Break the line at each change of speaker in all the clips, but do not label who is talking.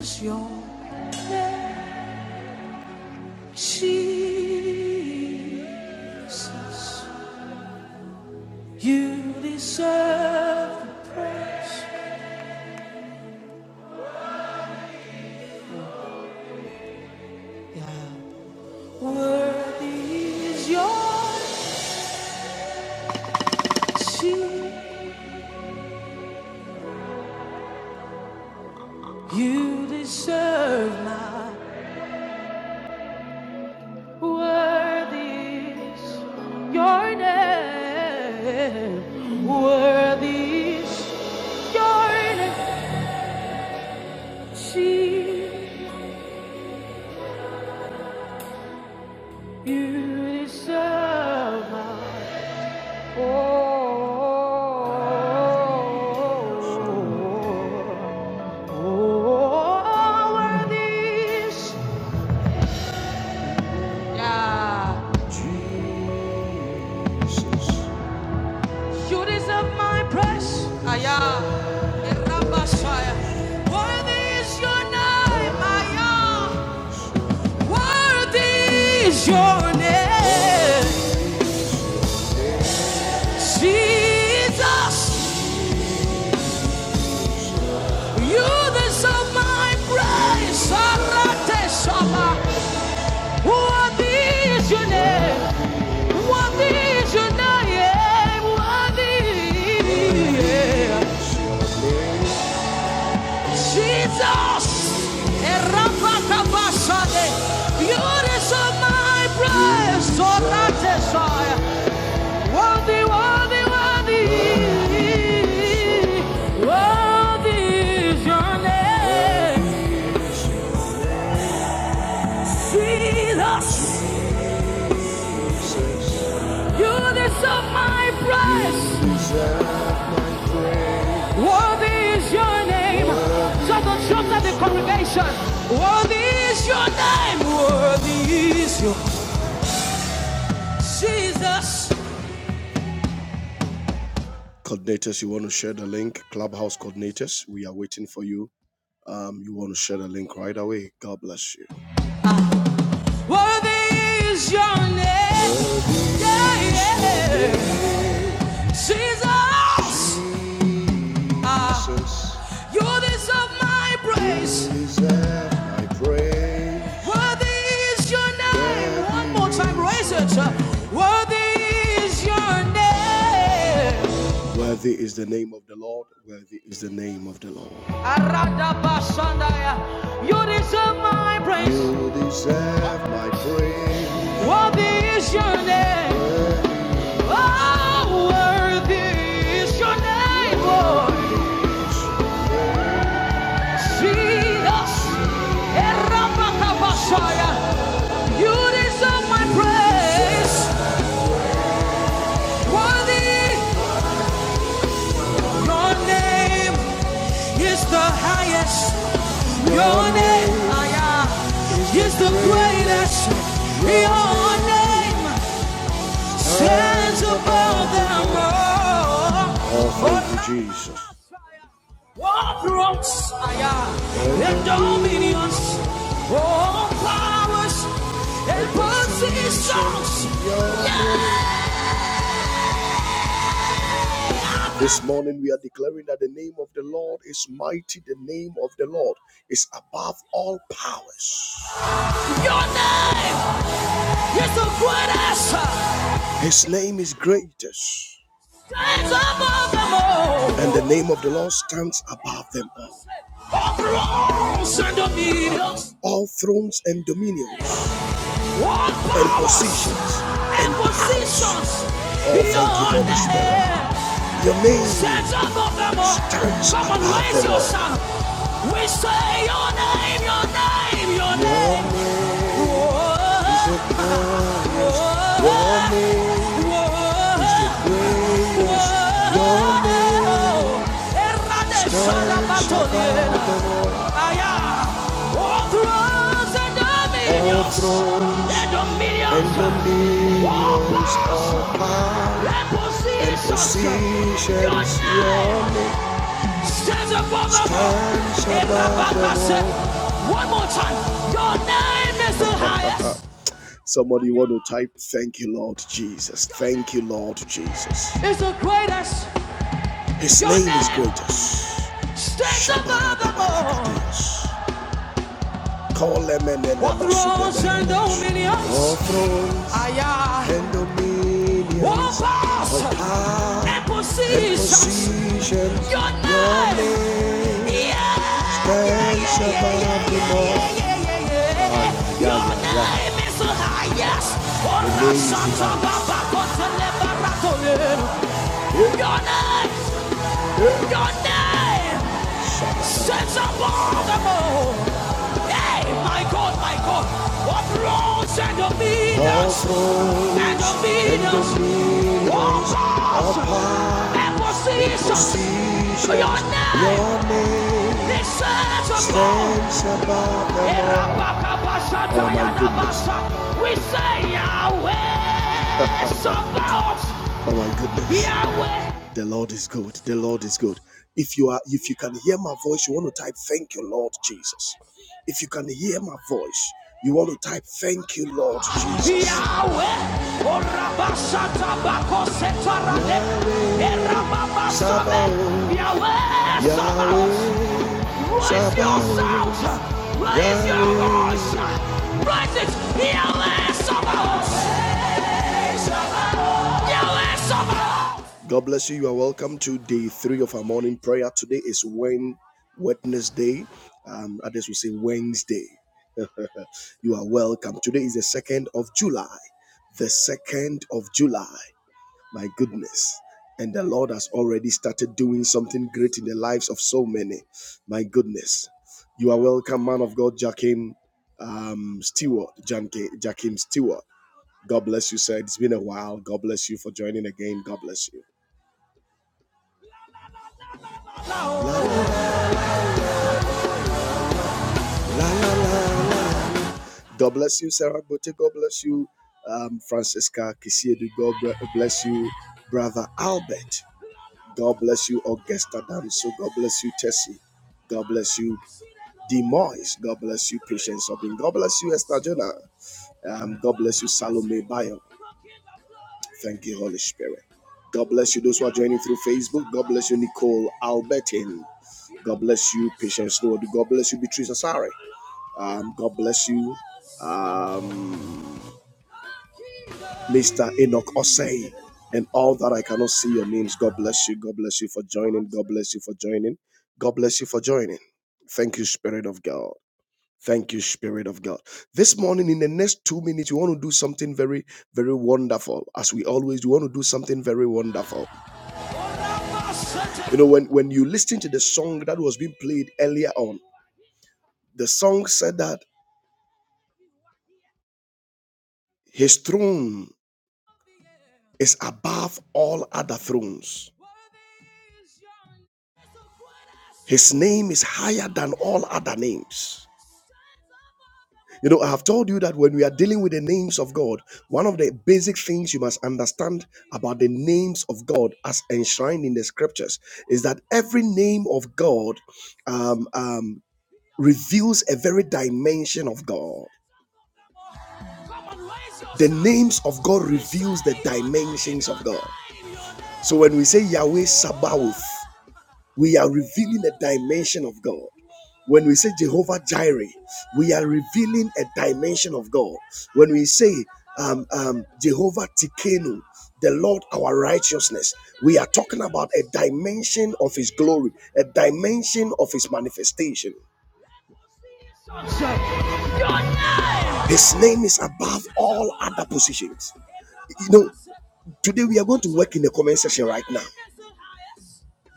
is your name, Jesus. You deserve the praise. Yeah. Worthy is your name. You deserve my worthy is your name. Worthy is your name. You deserve my Your name, Jesus, you deserve my praise. Arate Shabbat. Worthy your name. Worthy your name. Worthy. yeah. Jesus. Erapakabashade. Beautiful my praise. So that desire. Worthy, worthy, worthy. Worthy your name. Jesus. You deserve my praise. Worthy is your name. Shout the shout at the congregation. Worthy is your name. Worthy is your Jesus. coordinators you want to share the link clubhouse coordinators we are waiting for you um you want to share the link right away god bless you Worthy is your name. Yeah, yeah. Jesus, ah, Jesus, you deserve my praise. You deserve my praise. Worthy is your name. One more time, raise it. Worthy is your name. Worthy is the name of the Lord. Worthy is the name of the Lord. You deserve my praise. You deserve my praise. Worthy is your name. Oh, worthy is your name, Lord. Jesus, Erabakabashaya. you deserve my praise. Worthy, your name is the highest. Your name, ah, yeah, is the greatest. Your name Stands above them all. Oh, thank you, Oh, Jesus. War thrones, and dominions, all powers and positions. This morning we are declaring that the name of the Lord is mighty, the name of the Lord is above all powers. Your name is the greatest. His name is greatest. And the name of the Lord stands above them all. All thrones and dominions. All thrones and dominions. All and positions and positions Oh, thank you, beyond Holy Spirit. Your name Set up of them all. stands raise yourself. We say your name, your name, your Your name. is the Whoa, Your name is the greatest. Your name Errade stands above all and All dominions, thrones and and dominions, all dominions, and and positions. Your positions, your name name stands above them all. One more time. Your name is the highest. Somebody want to type, Thank you, Lord Jesus. Thank you, Lord Jesus. It's the greatest. His name is greatest. stands above them all. What thrones and dominions? O thrones and dominions, What powers and positions? Your name. Yeah, yeah, stands yeah, yeah, above yeah, them all. yeah, yeah, yeah, yeah, Ah, yeah. yeah, Your yeah, yeah. name is the highest. The Ora name is santa highest. baba kotele baratole. Your name. Your name sets above them all. Hey, my God, my God, what thrones and dominions, and dominions, all powers and positions. Your name, this sets above. Oh my goodness. We say Yahweh, Sabaoth, Oh Yahweh, the Lord is good. The Lord is good. If you are, if you can hear my voice, you want to type, "Thank you, Lord Jesus." If you can hear my voice, you want to type, "Thank you, Lord Jesus." Yahweh, Orabasata Bakosetarade, Yahweh Erababasabe, Sabaoth, Yahweh Yahweh Raise your sound, raise your voice, raise it, Yahweh Sabaoth, God bless you. You are welcome to day three of our morning prayer. Today is Wednesday. Um, others will say Wednesday. you are welcome. Today is the 2nd of July. The 2nd of July. My goodness. And the Lord has already started doing something great in the lives of so many. My goodness. You are welcome, man of God, Jakim um, Stewart. Jakim Stewart. God bless you, sir. It's been a while. God bless you for joining again. God bless you. La, la, la, la. God bless you, Sarah Bote. God bless you, um, Francesca Kisiedu. God bless you, Brother Albert. God bless you, Augusta Danso. God bless you, Tessie. God bless you, Demois. God bless you, Patience Obin. God bless you, Esther Jonah. Um, God bless you, Salome Bayo. Thank you, Holy Spirit. God bless you, those who are joining through Facebook. God bless you, Nicole Albertin. God bless you, Patience Lord. God bless you, Beatrice Asare. Um, God bless you, um, Mr. Enoch Osei, and all that I cannot see your names. God bless you. God bless you for joining. God bless you for joining. God bless you for joining. Thank you, Spirit of God. Thank you, Spirit of God. This morning, in the next two minutes, we want to do something very, very wonderful. As we always do, we want to do something very wonderful. You know, when, when you listen to the song that was being played earlier on, the song said that his throne is above all other thrones. His name is higher than all other names. You know, I have told you that when we are dealing with the names of God, one of the basic things you must understand about the names of God as enshrined in the scriptures is that every name of God um, um, reveals a very dimension of God. The names of God reveals the dimensions of God. So when we say Yahweh Sabaoth, we are revealing a dimension of God. When we say Jehovah Jireh, we are revealing a dimension of God. When we say um, um, Jehovah Tikenu, the Lord our righteousness, we are talking about a dimension of His glory, a dimension of His manifestation. His name is above all other positions. You know, today we are going to work in the comment section right now.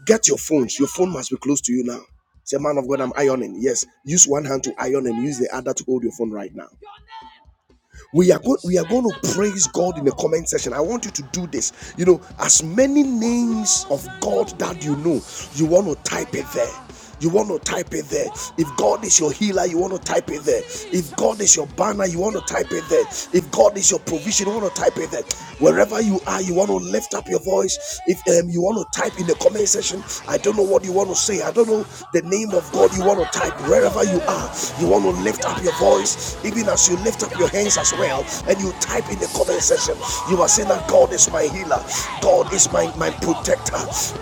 Get your phones. Your phone must be close to you now. Say, man of God, I'm ironing. Yes, use one hand to iron and use the other to hold your phone right now we are going we are going to praise god in the comment section i want you to do this you know as many names of god that you know you want to type it there you want to type it there. If God is your healer, you want to type it there. If God is your banner, you want to type it there. If God is your provision, you want to type it there. Wherever you are, you want to lift up your voice. If um, you want to type in the comment section, I don't know what you want to say. I don't know the name of God you want to type. Wherever you are, you want to lift up your voice. Even as you lift up lift up your hands as well and you type in the comment section. You are saying that God is my healer, God is my, my protector,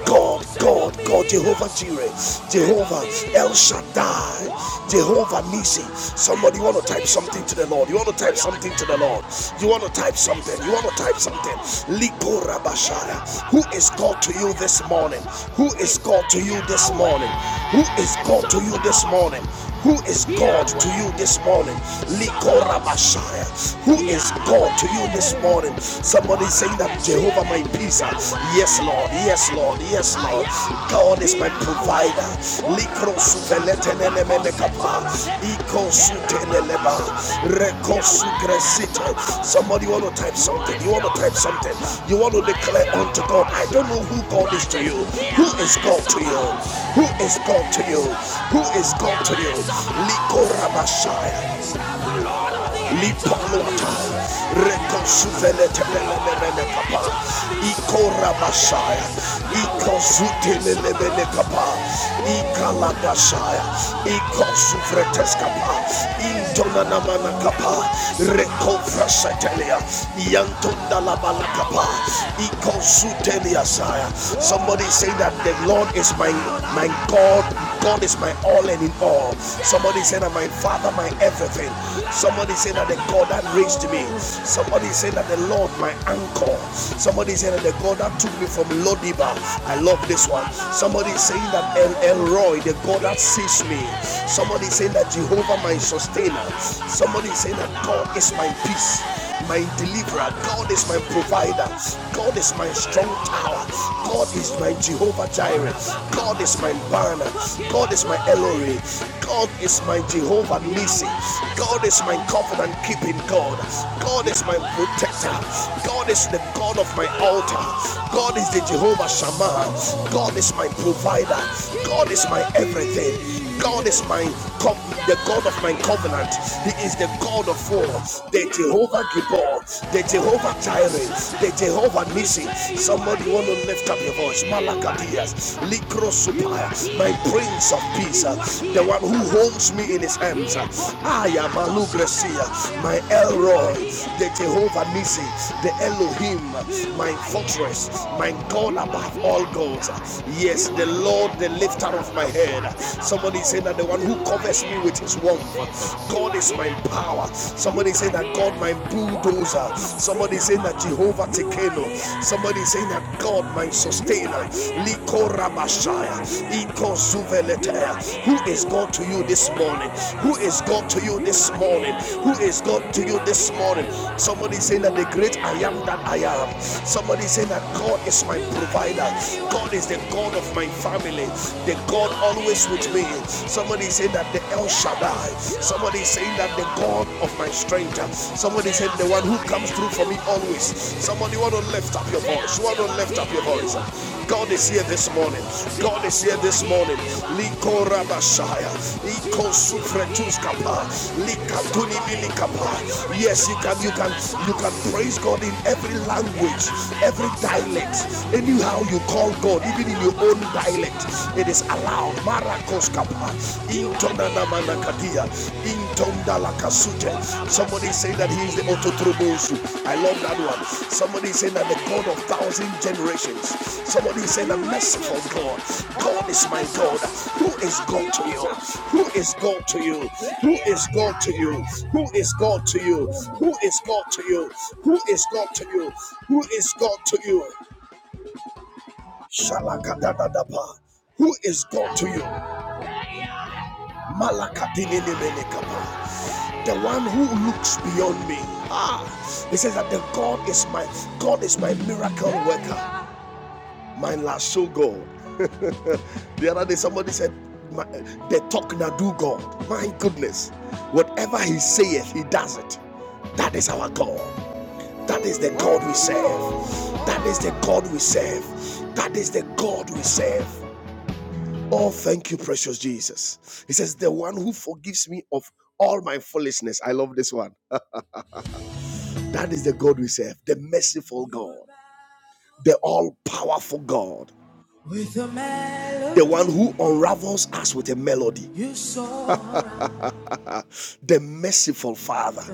God, God, God, Jehovah Jireh, Jehovah El Shaddai, Jehovah Nisi. Somebody want to type something to the Lord. You want to type something to the Lord. You want to type something. You want to type something. Liko Bashara. Who is God to you this morning? Who is God to you this morning? Who is God to you this morning? Who is God to you this morning? Likorabashaya. Who is God to you this morning? Somebody saying that Jehovah my peace. Yes, Lord. Yes, Lord. Yes, Lord. God is my provider. Ikosuteleleba, rekosugresite. Somebody want to type something. You want to type something. You want to declare unto God. I don't know who God is to you. Who is God to you? Who is God to you? Who is God to you? Likorabashaya. Lipaluata, Rekosuvele Telebele Kapa, Ikora Masaya, Ikosutelebele Kapa, Ikaladashaya, Ikosuvreteskapa, Intonanamana Kapa, Rekofrasetelia, Yantundalabala Kapa, Ikosutelia Saya. Somebody say that the Lord is my my God, God is my all and in all all. Somebody said that my father, my everything. Somebody said that the God that raised me. Somebody said that the Lord, my anchor. Somebody said that the God that took me from Lodiba. I love this one. Somebody saying that El Elroy, the God that sees me. Somebody saying that Jehovah, my sustainer. Somebody saying that God is my peace my deliverer. God is my provider. God is my strong tower. God is my Jehovah Jireh. God is my banner. God is my Eloi. God is my Jehovah Nissi. God is my covenant keeping God. God is my protector. God is the God of my altar. God is the Jehovah Shammah. God is my provider. God is my everything. God is my com- the God of my covenant. He is the God of war, the Jehovah Gibor, the Jehovah Jireh, the Jehovah Nissi. Somebody want to lift up your voice. Malakadias, Likrosupaya, my Prince of Peace, uh, the one who holds me in his hands. uh, I am Malugresia, my Elroy, the Jehovah Nissi, the Elohim, uh, my fortress, my God above all gods. uh, Yes, the Lord, the lifter of of my head. Somebody say that the one who covers me with his warmth, God is my power. Somebody say that God my bulldozer. Somebody say that Jehovah Tekeno. Somebody say that God my sustainer. Liko Rabashaya. Iko Zuveletea. Who is God to you this morning? Who is God to you this morning? Who is God to you this morning? Somebody say that the great I am that I am. Somebody say that God is my provider. God is the God of my of my family, the God always with me. Somebody say that the El Shaddai. Somebody saying that the God of my strength. Somebody said the one who comes through for me always. Somebody want to lift up your voice. You want to lift up your voice. God is here this morning. God is here this morning. Liko rabashaya. Iko sufretuskapa. Likatuni milikapa. Yes, you can, you can, you can praise God in every language, every dialect, anyhow you call God, even in your own dialect, it is allowed. Marakoskapa, intonanamanakadia, intondalakasute. Somebody say that He is the Ototrobosu. I love that one. Somebody say that the God of thousand generations. Somebody say the merciful God. God is my God. Who is God to you? Who is God to you? Who is God to you? Who is God to you? Who is God to you? Who is God to you? Who is God to you? Shalakadadadapa. Who is God to you? Malakadininimenekapa. The one who looks beyond me. Ah, he says that the God is my God is my miracle worker, my lasso God. the other day somebody said, my, "The talk na do God." My goodness, whatever He saith, He does it. That is our God. That is the God we serve. That is the God we serve. That is the God we serve. Oh, thank you, precious Jesus. He says, The one who forgives me of all my foolishness. I love this one. That is the God we serve, the merciful God, the all powerful God, With a melody, the one who unravels us with a melody, you saw the merciful Father.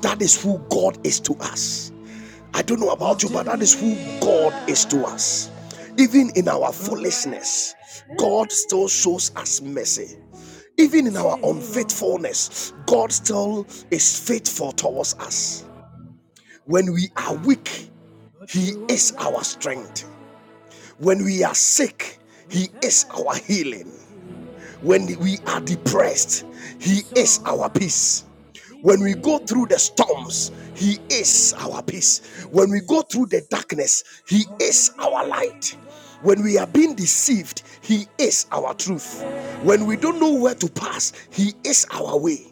That is who God is to us. I don't know about you, but that is who God is to us. Even in our foolishness, God still shows us mercy. Even in our unfaithfulness, God still is faithful towards us. When we are weak, He is our strength. When we are sick, He is our healing. When we are depressed, He is our peace. When we go through the storms, He is our peace. When we go through the darkness, He is our light. When we are being deceived, He is our truth. When we don't know where to pass, He is our way.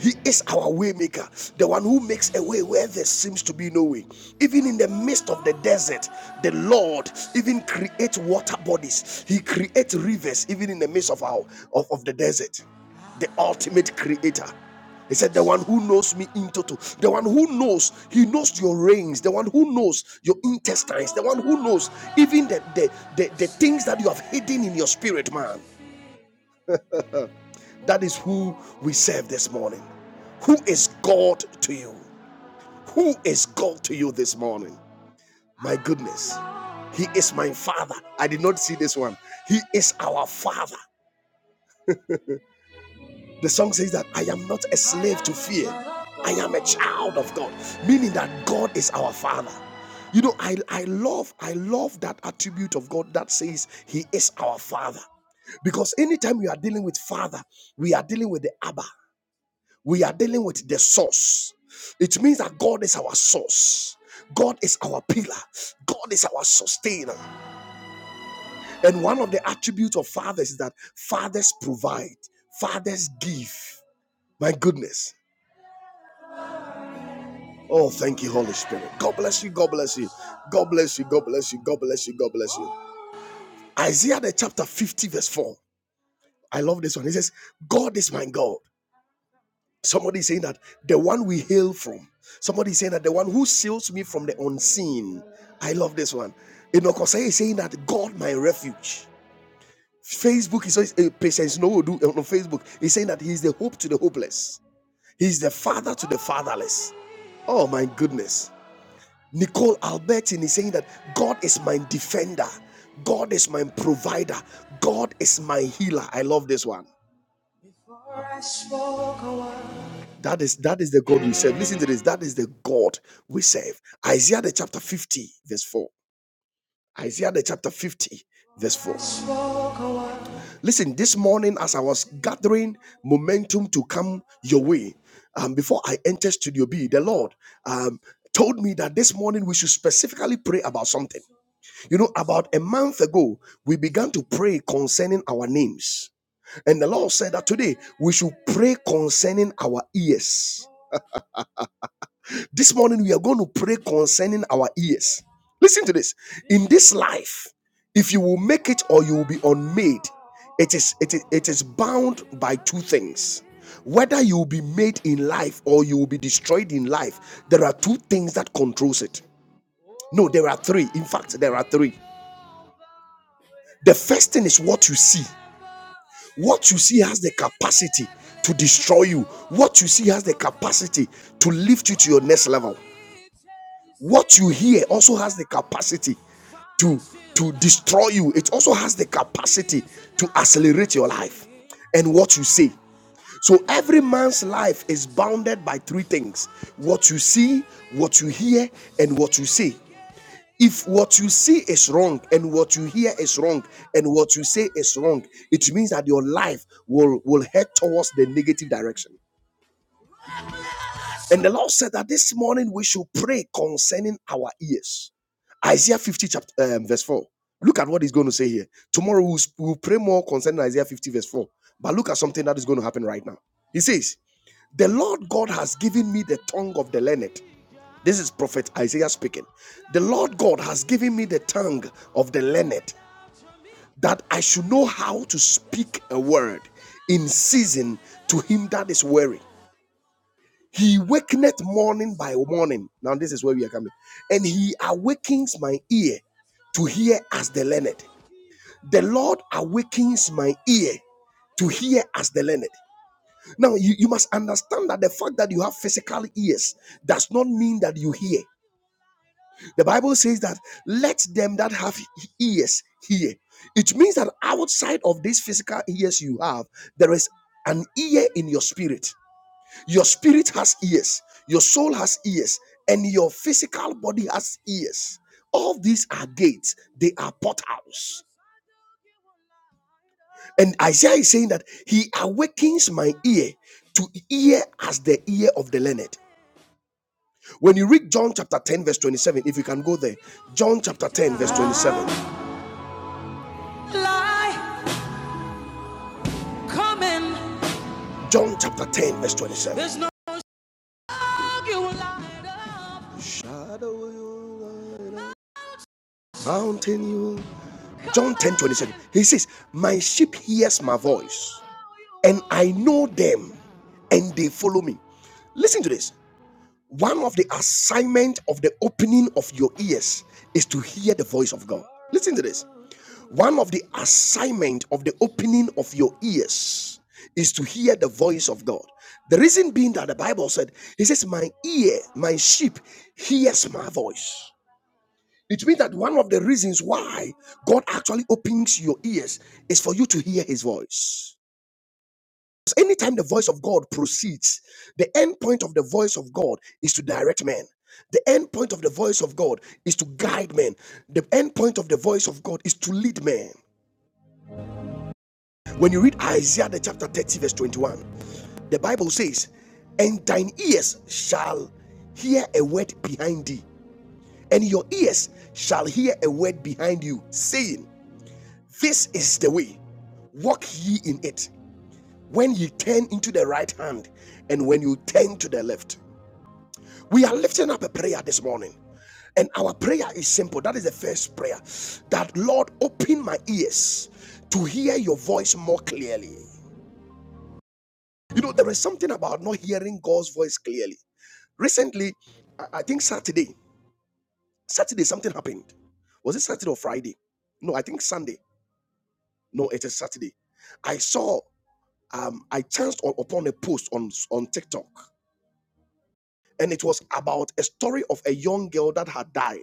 He is our waymaker, the one who makes a way where there seems to be no way. Even in the midst of the desert, the Lord even creates water bodies. He creates rivers even in the midst of our of, of the desert. The ultimate creator. He said, The one who knows me in total, the one who knows, he knows your reins, the one who knows your intestines, the one who knows even the, the, the, the things that you have hidden in your spirit, man. That is who we serve this morning. Who is God to you? Who is God to you this morning? My goodness. He is my father. I did not see this one. He is our father. The song says that I am not a slave to fear. I am a child of God, meaning that God is our father. You know, I, I love I love that attribute of God that says he is our father. Because anytime we are dealing with father, we are dealing with the Abba. We are dealing with the source. It means that God is our source. God is our pillar. God is our sustainer. And one of the attributes of fathers is that fathers provide, fathers give. My goodness. Oh, thank you, Holy Spirit. God bless you. God bless you. God bless you. God bless you. God bless you. God bless you. Isaiah the chapter 50, verse 4. I love this one. He says, God is my God. Somebody is saying that the one we hail from. Somebody is saying that the one who seals me from the unseen. I love this one. Inokosai is saying that God, my refuge. Facebook is says, eh, patience no will do on Facebook. He's saying that he's the hope to the hopeless. He's the father to the fatherless. Oh my goodness. Nicole Albertin is saying that God is my defender. God is my provider. God is my healer. I love this one. That is that is the God we serve. Listen to this. That is the God we serve. Isaiah the chapter 50, verse 4. Isaiah the chapter 50, verse 4. Listen, this morning as I was gathering momentum to come your way, um, before I entered Studio B, the Lord um, told me that this morning we should specifically pray about something. You know, about a month ago, we began to pray concerning our names. And the Lord said that today we should pray concerning our ears This morning, we are going to pray concerning our ears. Listen to this. In this life, if you will make it or you will be unmade, it is, it is, it is bound by two things. Whether you will be made in life or you will be destroyed in life, there are two things that controls it. No, there are three. In fact, there are three. The first thing is what you see. What you see has the capacity to destroy you. What you see has the capacity to lift you to your next level. What you hear also has the capacity to to destroy you it also has the capacity to accelerate your life and what you say so every man's life is bounded by three things what you see what you hear and what you say if what you see is wrong and what you hear is wrong and what you say is wrong it means that your life will will head towards the negative direction and the Lord said that this morning we should pray concerning our ears. Isaiah 50, chapter, um, verse 4. Look at what he's going to say here. Tomorrow we'll, we'll pray more concerning Isaiah 50, verse 4. But look at something that is going to happen right now. He says, The Lord God has given me the tongue of the learned. This is Prophet Isaiah speaking. The Lord God has given me the tongue of the learned that I should know how to speak a word in season to him that is weary. He wakeneth morning by morning. Now, this is where we are coming. And he awakens my ear to hear as the learned. The Lord awakens my ear to hear as the learned. Now, you, you must understand that the fact that you have physical ears does not mean that you hear. The Bible says that let them that have ears hear. It means that outside of these physical ears you have, there is an ear in your spirit. Your spirit has ears, your soul has ears, and your physical body has ears. All these are gates, they are portals. And Isaiah is saying that he awakens my ear to hear as the ear of the learned. When you read John chapter 10, verse 27, if you can go there, John chapter 10, verse 27. Lie coming. John chapter 10, verse 27. There's no Shadow you light up, mountain you. John 10 27. He says, My sheep hears my voice, and I know them, and they follow me. Listen to this. One of the assignment of the opening of your ears is to hear the voice of God. Listen to this. One of the assignment of the opening of your ears is to hear the voice of God. The reason being that the Bible said, He says, My ear, my sheep hears my voice. It means that one of the reasons why God actually opens your ears is for you to hear his voice. Because anytime the voice of God proceeds, the end point of the voice of God is to direct men. The end point of the voice of God is to guide men. The end point of the voice of God is to lead men. When you read Isaiah the chapter 30, verse 21, the Bible says, And thine ears shall hear a word behind thee, and your ears shall hear a word behind you, saying, This is the way. Walk ye in it when ye turn into the right hand and when you turn to the left. We are lifting up a prayer this morning. And our prayer is simple. That is the first prayer. That Lord, open my ears to hear your voice more clearly. You know, there is something about not hearing God's voice clearly. Recently, I I think Saturday, Saturday something happened. Was it Saturday or Friday? No, I think Sunday. No, it is Saturday. I saw. um, I chanced on, upon a post on, on TikTok, and it was about a story of a young girl that had died.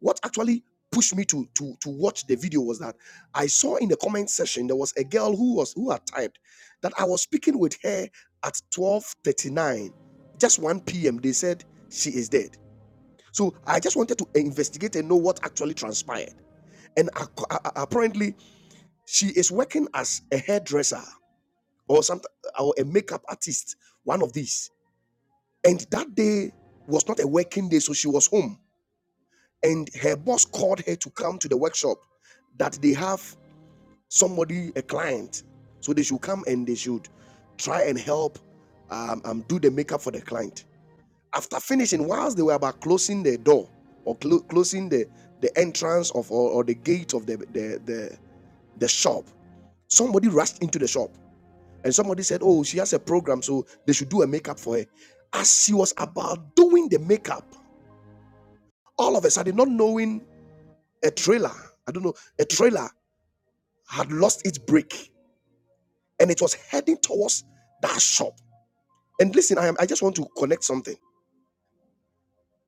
What actually pushed me to, to, to watch the video was that I saw in the comment section there was a girl who was who had typed that I was speaking with her at 12:39, just 1 p.m. They said she is dead. So I just wanted to investigate and know what actually transpired. And apparently, she is working as a hairdresser or some or a makeup artist, one of these And that day was not a working day, so she was home. And her boss called her to come to the workshop that they have somebody, a client. So they should come and they should try and help um, um, do the makeup for the client. After finishing, whilst they were about closing the door or clo- closing the, the entrance of or, or the gate of the, the, the, the shop, somebody rushed into the shop and somebody said, Oh, she has a program, so they should do a makeup for her. As she was about doing the makeup, All of a sudden, not knowing a trailer, I don't know, a trailer had lost its brake and it was heading towards that shop. And listen, I am I just want to connect something.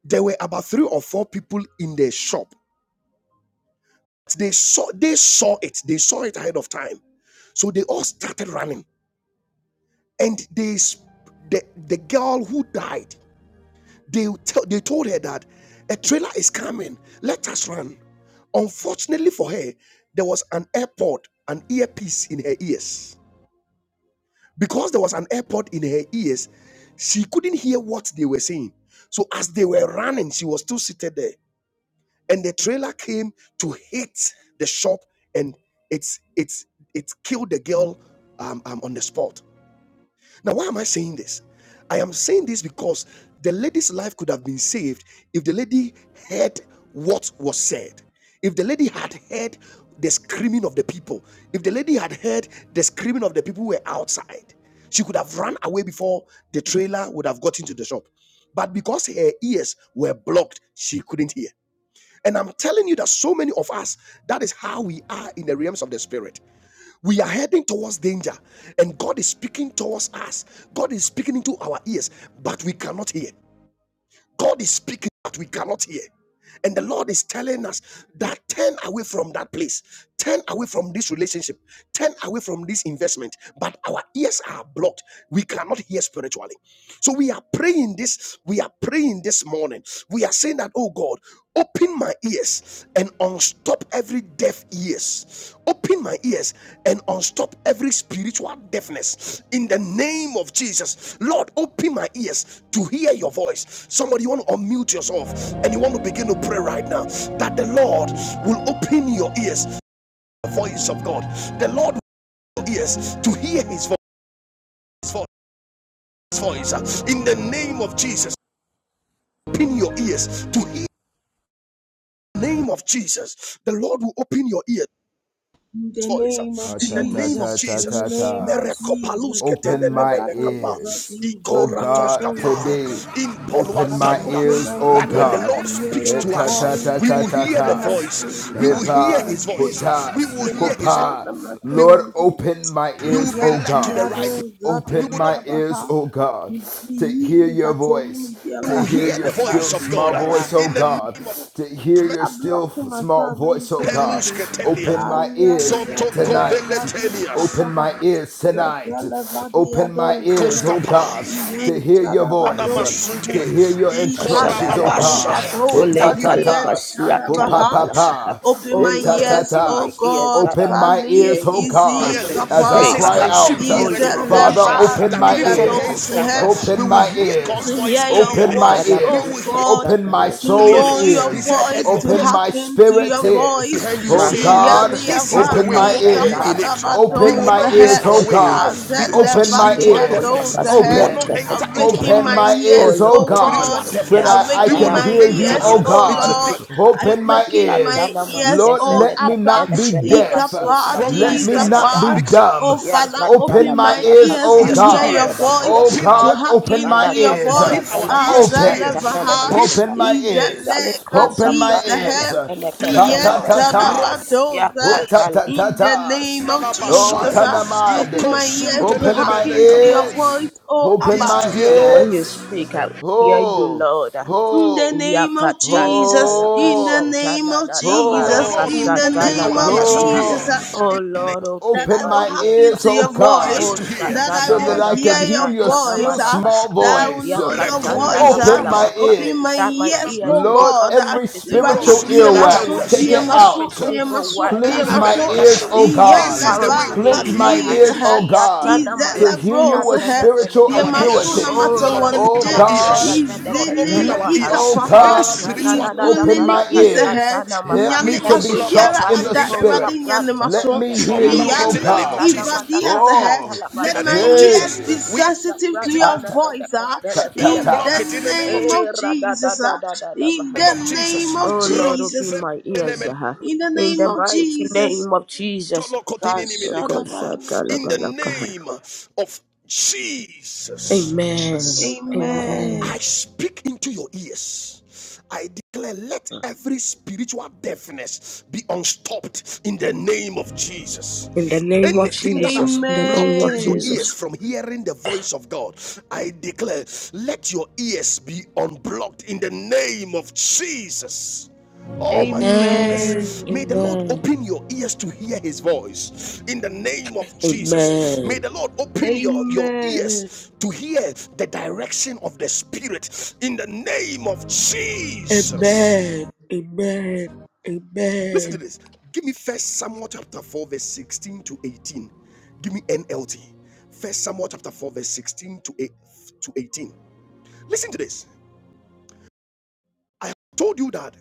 There were about three or four people in the shop. They saw they saw it. They saw it ahead of time. So they all started running. And they the, the girl who died, they, tell they told her that a trailer is coming. Let us run. Unfortunately for her, there was an airpod, an earpiece in her ears. Because there was an airport in her ears, she couldn't hear what they were saying. So as they were running, she was still seated there. And the trailer came to hit the shop and it's it's it killed the girl um, um, on the spot. Now, why am I saying this? I am saying this because the lady's life could have been saved if the lady heard what was said. If the lady had heard the screaming of the people, if the lady had heard the screaming of the people who were outside, she could have run away before the trailer would have got into the shop. But because her ears were blocked, she couldn't hear. And I'm telling you that so many of us, that is how we are in the realms of the spirit we are heading towards danger and god is speaking towards us god is speaking into our ears but we cannot hear god is speaking but we cannot hear and the lord is telling us that turn away from that place turn away from this relationship turn away from this investment but our ears are blocked we cannot hear spiritually so we are praying this we are praying this morning we are saying that oh god open my ears and unstop every deaf ears. Open my ears and unstop every spiritual deafness in the name of Jesus. Lord, open my ears to hear your voice. Somebody, you want to unmute yourself and you want to begin to pray right now that the Lord will open your ears, to the voice of God. The Lord will open your ears to hear his voice, his voice in the name of Jesus. Open your ears to hear the name of Jesus. The Lord will open your ears
In the
voice uh,
name
Ha
of
in the
ta ta
name of
ta
Jesus,
ta
in the
ta
Jesus.
name of
tas.
Jesus,
Open
Father,
my
Merekopalusketenenemenekapa,
ears, O God,
ikoratoskapa,
today. Open
Father,
my
impoluantanda.
open
ears,
my
O
That when the
ears
God.
to
Lord
hear
speaks
Eh,
to
your
Ta ta
us,
ta
voice.
we
ta
will
ta
hear
They
the
must
tas.
voice,
the
we will
matter
hear
Hepa
his
one day.
voice, we
hutas
will
They
hear
must
his voice,
kopa.
the matter
we,
Lord,
one day.
open my
we
ears,
will be
O
led to the
Iyadiado
right
God.
place. We
Open
zadi
will not
my
kabaha.
ears, O God, to
Bibi
hear your
inkateni
voice,
we
to
will
mibiara
hear
hear
your
the
still
voice of
inkatasumi
small
God uh,
voice, O
in the
God,
name of
biara
to hear
Jesus.
your
I
still
block him as
small
well
voice, O
mentally one
God.
day.
Open my
Ariado
Soto
ears
Yado
tonight.
Vadi
Sotokoveletelias.
Open
Kapaha
my ears tonight.
Regala Vadi
Open my
Yado
ears,
Zahe
O God,
Koskapa.
to
Ian
hear your voice,
Chadabado Zahe
to hear your instructions,
Ikale
O
Kashatalabaha.
Vali
God.
Yado
It
That
Ole
ta
we
Vadi
ta
Ian
tas,
Kalabasia
oh pa
Chadabaha
pa
Talabalakaha.
pa,
Open
Oh
my
It ta
Lord,
for
ta
ears,
open
O
my
tas.
ears
God,
that
Open
I will
my
hear
ears,
Kali
O
your
God.
voice
God,
Izi
when
clearly.
you
as
He
I
Kapa
speak.
says,
cry
My
aha.
sheep
out, uh,
is the
Ole
heareth my voice.
Father,
lever
open
That
my
even from
Koshatalabale
the
ears,
henceforth
Zahe
uh, we
open
will
my
Katanamanakaha.
hear
to
God's
ears,
voice
hear your
open
clearly.
my
voice,
We
oh
ears,
will
Yatalapalaka
hear
God,
open my
to
Shatalabaha.
soul's
know
clearly.
your
He
ears,
said, And
voice,
your
to
open
ears
my
hearken to
spirit's
your voice.
ears.
behind you
Oh
saying,
Makato
God,
This is the
open
Shatalaka
way,
my
Iyaliavadi
walk ye in
ears,
it. We
open
will
kapadamados
my
the
not
Shatalabala
miss
ears,
head,
oh
our way
God,
because of
open my
spiritual
Nicola
ears,
azelevaliados the
deafness. We
head.
will
Basquiat
open.
not enter into
Awaken
Kaha.
Open
my
problems,
my
Oh
ears,
ears,
oh
oh
Lord, open
God,
spiritual
God.
my
that
ears
I,
deafness.
ah,
I
We
that
Awaken
will
can
I
not
will
my
hear
hear
you,
ears,
oh
you when
enter
oh
you
into
God.
Lord.
speak. ah.
Open my
Awaken my
Yatana
ears.
ears,
Lord,
oh
maskefele
let me
Abba
not
ketele
be
pele kasos
deaf.
of
wrong
kapra
Let me
Jesus,
tene
not
businesses
be
Father.
baha.
because.
Oh,
dumb.
Father,
Yakatala
Open
open
my
my
bala
ears,
ears
oh
to
ears
kastana
to
hear
da
hear.
da
God.
your
da bala
Oh
voice,
Open
kaha.
our
to
God, open
hearken
my
to
Bala
your
ears.
katala
open
voice.
our
bala
As
ears to
the
hear.
Open.
lever
kashatana
Open
Open
malakaha.
my
is the leg
ears.
Izaliko
of
Open my
sapra
the
tene
ears.
hem.
pele
In
Ha
ketele
ta
telekapa.
ta
pele kaha.
Ron
the
tas. Oh, ta
Yakatala.
ta ta
name of
tendala
tas. Oh,
Jesus,
masaya.
ah. open
tanamade.
my ears
Ikosun
to
Open my
hearken
telelemene
to your
kapa.
voice,
ears.
oh
Open
Ears
Abba.
my
to hear,
That
Lord.
when you
ears.
speak, I will hear you,
Oh,
Lord.
In the
oh,
name of
Yakatala
Jesus,
balaka
in the
oh,
name
satana
of
nana
That the
Jesus,
maraka
Lord
oh,
will
in the
open
satala
name
our
of
ears
balaka
to
ha.
hear.
Jesus.
oh.
Ah,
Oh
In the
Lord,
that
open
I
Open
my
will
my
ears.
hearken
ears,
to
oh
ha.
your
God,
ears
voice,
Oh
to hear.
that I
so
satana
In
that
will
I
manaka
hear
can hear
your
your
satana
voice,
still
ah,
manaka ha.
small
that
the
I will
voice.
know your
Yakatanda
voice.
la
Rekombelos
Open
ah.
kapa.
my
balaka ha.
Open my
ears.
That my
ears,
ears
oh
will
Lord,
God.
become
ah.
every
sensitive,
Everybody
ha.
spiritual
Grosu
be a
that I will
muscle,
earwax, take
be a
hear
it
feletundas.
every
out.
muscle, be a
single
muscle,
word
be a
Cleanse
ha.
my
muscle.
that
ears,
you
oh
will
Yeah,
This
God.
is
whisper
the way
unto
leva,
walk
Cleanse
cut
me.
ye
my
in
ha.
these,
it.
ears,
eh,
oh God,
these,
Yatana
that
to hear you
maraskia
levels,
with
eh.
spiritual
be a
tenefeneka
our
ha.
muscle, no
acuity.
ears
matter
Oh
lord open
Oh
Onde
our
raskia
God.
ears lord
izele
open our
Lift,
Elevaha,
oh
ears
ikapaha
any
God,
Yatana
spiritual
Nada
open
izulele
my
Balaka
we
izehe
ears.
Shatana
Help
Maha,
we
nyane
me to be
unblock
Uza
it
asubiara
sharp in the
ada
in the
Falepo
erade
spirit.
nyane
Shapratana
Let
maso
me
we
hear
Manakaha,
you,
unblock it
oh
in
iyali
the name of
God.
Yatana
jesus
ivadi
Manaka
azehe
Oh,
Shatala
in
let
the
my
name of
Balakaha,
ears
hey,
be
jesus we
Yako
sensitive to
it in-
your
ah,
Shapratana
ta
voice
Feleka
ah.
ta
we
ta
in the
unblock
Telefelekaha,
it in the name
tas.
of
name
jesus
of
Eh, Rada da
Jesus
da
ah.
da da da
in
Maha.
name
the
of
name
jesus
of
Oh
Ro-
Lord,
Jesus
open my ears,
Fenemen-
ah.
in the
in
name
the
of
mighty
Jesus
name of Jesus.
Tolo
God
Kotinini
shut
Yako
up I
Minikapa.
don't.
Shatala
in the
Balakaha.
name of jesus
Amen. Amen.
Amen
I speak into your ears. I declare, let every spiritual deafness be unstopped in the name of Jesus.
In the name of
Anything that has
Jesus. In the name
blocked
of
your
Amen
Jesus.
ears from hearing the voice of God, I declare, let your ears be unblocked in the name of Jesus. Oh my
Amen.
goodness. May
Amen
the Lord
Amen.
open your ears to hear his voice in the name of Jesus. May
Amen.
the Lord open your, your
Amen.
ears to hear the direction of the Spirit in the name of Jesus.
Amen. Amen.
Listen
Amen.
to this. Give me First Samuel chapter 4, verse 16 to 18. Give me NLT. First Samuel chapter 4, verse 16 to, 18. Listen to this. I have told you that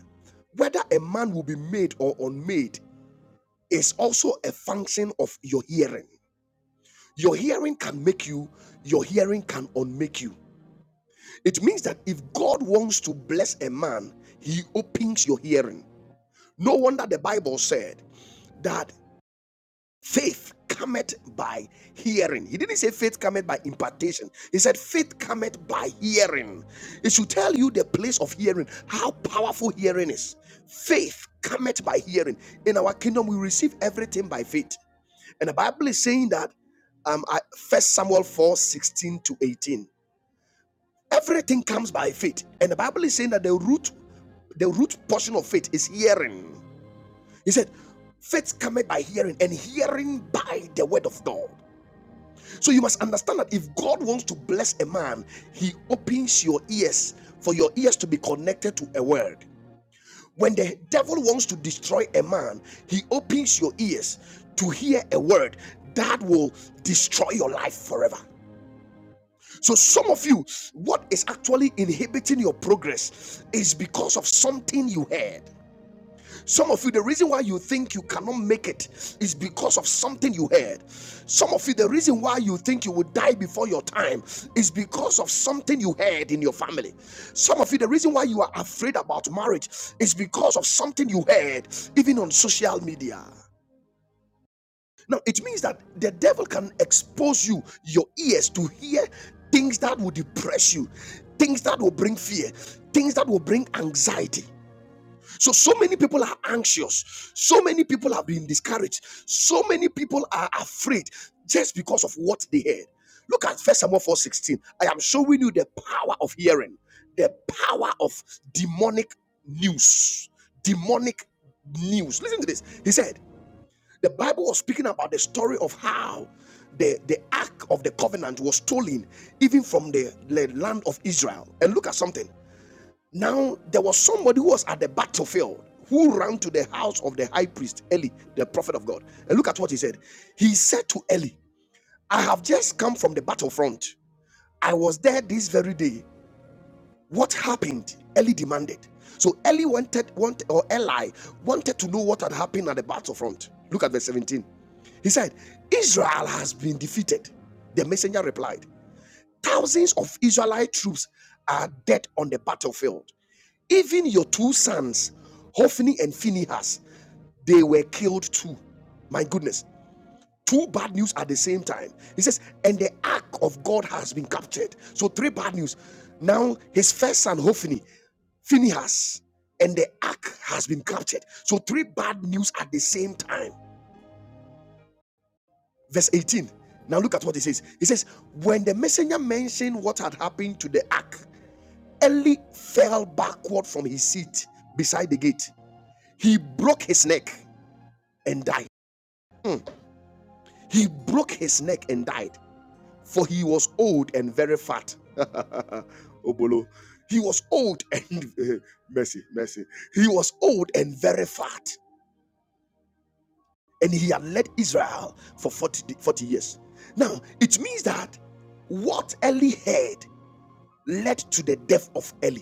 whether a man will be made or unmade is also a function of your hearing. Your hearing can make you, your hearing can unmake you. It means that if God wants to bless a man, he opens your hearing. No wonder the Bible said that Faith cometh by hearing. He didn't say faith cometh by impartation. He said faith cometh by hearing. It should tell you the place of hearing, how powerful hearing is. Faith cometh by hearing. In our kingdom, we receive everything by faith. And the Bible is saying that um, First Samuel 4 16 to 18. Everything comes by faith. And the Bible is saying that the root the root portion of faith is hearing. He said, Faith cometh by hearing, and hearing by the word of God. So you must understand that if God wants to bless a man, he opens your ears for your ears to be connected to a word. When the devil wants to destroy a man, he opens your ears to hear a word that will destroy your life forever. So, some of you, what is actually inhibiting your progress is because of something you heard. Some of you, the reason why you think you cannot make it is because of something you heard. Some of you, the reason why you think you will die before your time is because of something you heard in your family. Some of you, the reason why you are afraid about marriage is because of something you heard, even on social media. Now, it means that the devil can expose you, your ears, to hear things that will depress you, things that will bring fear, things that will bring anxiety. So, so many people are anxious. So many people have been discouraged. So many people are afraid just because of what they heard. Look at First Samuel 4:16. I am showing you the power of hearing, the power of demonic news. Demonic news. Listen to this. He said, the Bible was speaking about the story of how the, the Ark of the Covenant was stolen even from the the land of Israel. And look at something. Now, there was somebody who was at the battlefield who ran to the house of the high priest, Eli, the prophet of God. And look at what he said. He said to Eli, I have just come from the battlefront. I was there this very day. What happened? Eli demanded. So Eli wanted, wanted or Eli wanted to know what had happened at the battlefront. Look at verse 17. He said, Israel has been defeated. The messenger replied, Thousands of Israelite troops are dead on the battlefield. Even your two sons, Hophni and Phinehas, they were killed too. My goodness. Two bad news at the same time. He says, and the ark of God has been captured. So three bad news. Now his first son, Hophni, Phinehas, and the ark has been captured. So three bad news at the same time. Verse 18. Now look at what he says. He says, when the messenger mentioned what had happened to the ark, Eli fell backward from his seat beside the gate. He broke his neck and died. He broke his neck and died, for he was old and very fat. Obolo. He was old and uh, mercy, mercy. He was old and very fat, and he had led Israel for 40 40 years. Now, it means that what Eli heard led to the death of Eli.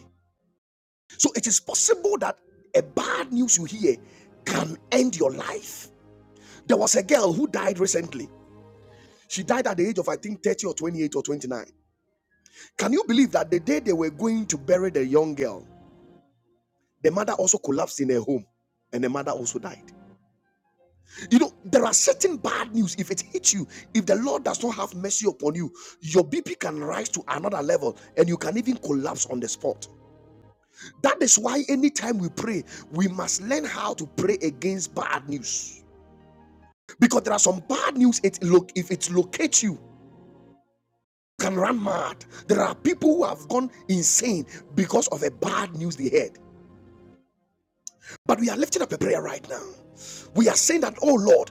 So it is possible that a bad news you hear can end your life. There was a girl who died recently She died at the age of, I think, 30 or 28 or 29. Can you believe that the day they were going to bury the young girl, the mother also collapsed in her home and the mother also died? You know, there are certain bad news. If it hits you, if the Lord does not have mercy upon you, your BP can rise to another level and you can even collapse on the spot. That is why anytime we pray, we must learn how to pray against bad news. Because there are some bad news, it look if it locates you, can run mad. There are people who have gone insane because of a bad news they heard. But we are lifting up a prayer right now. We are saying that, oh Lord,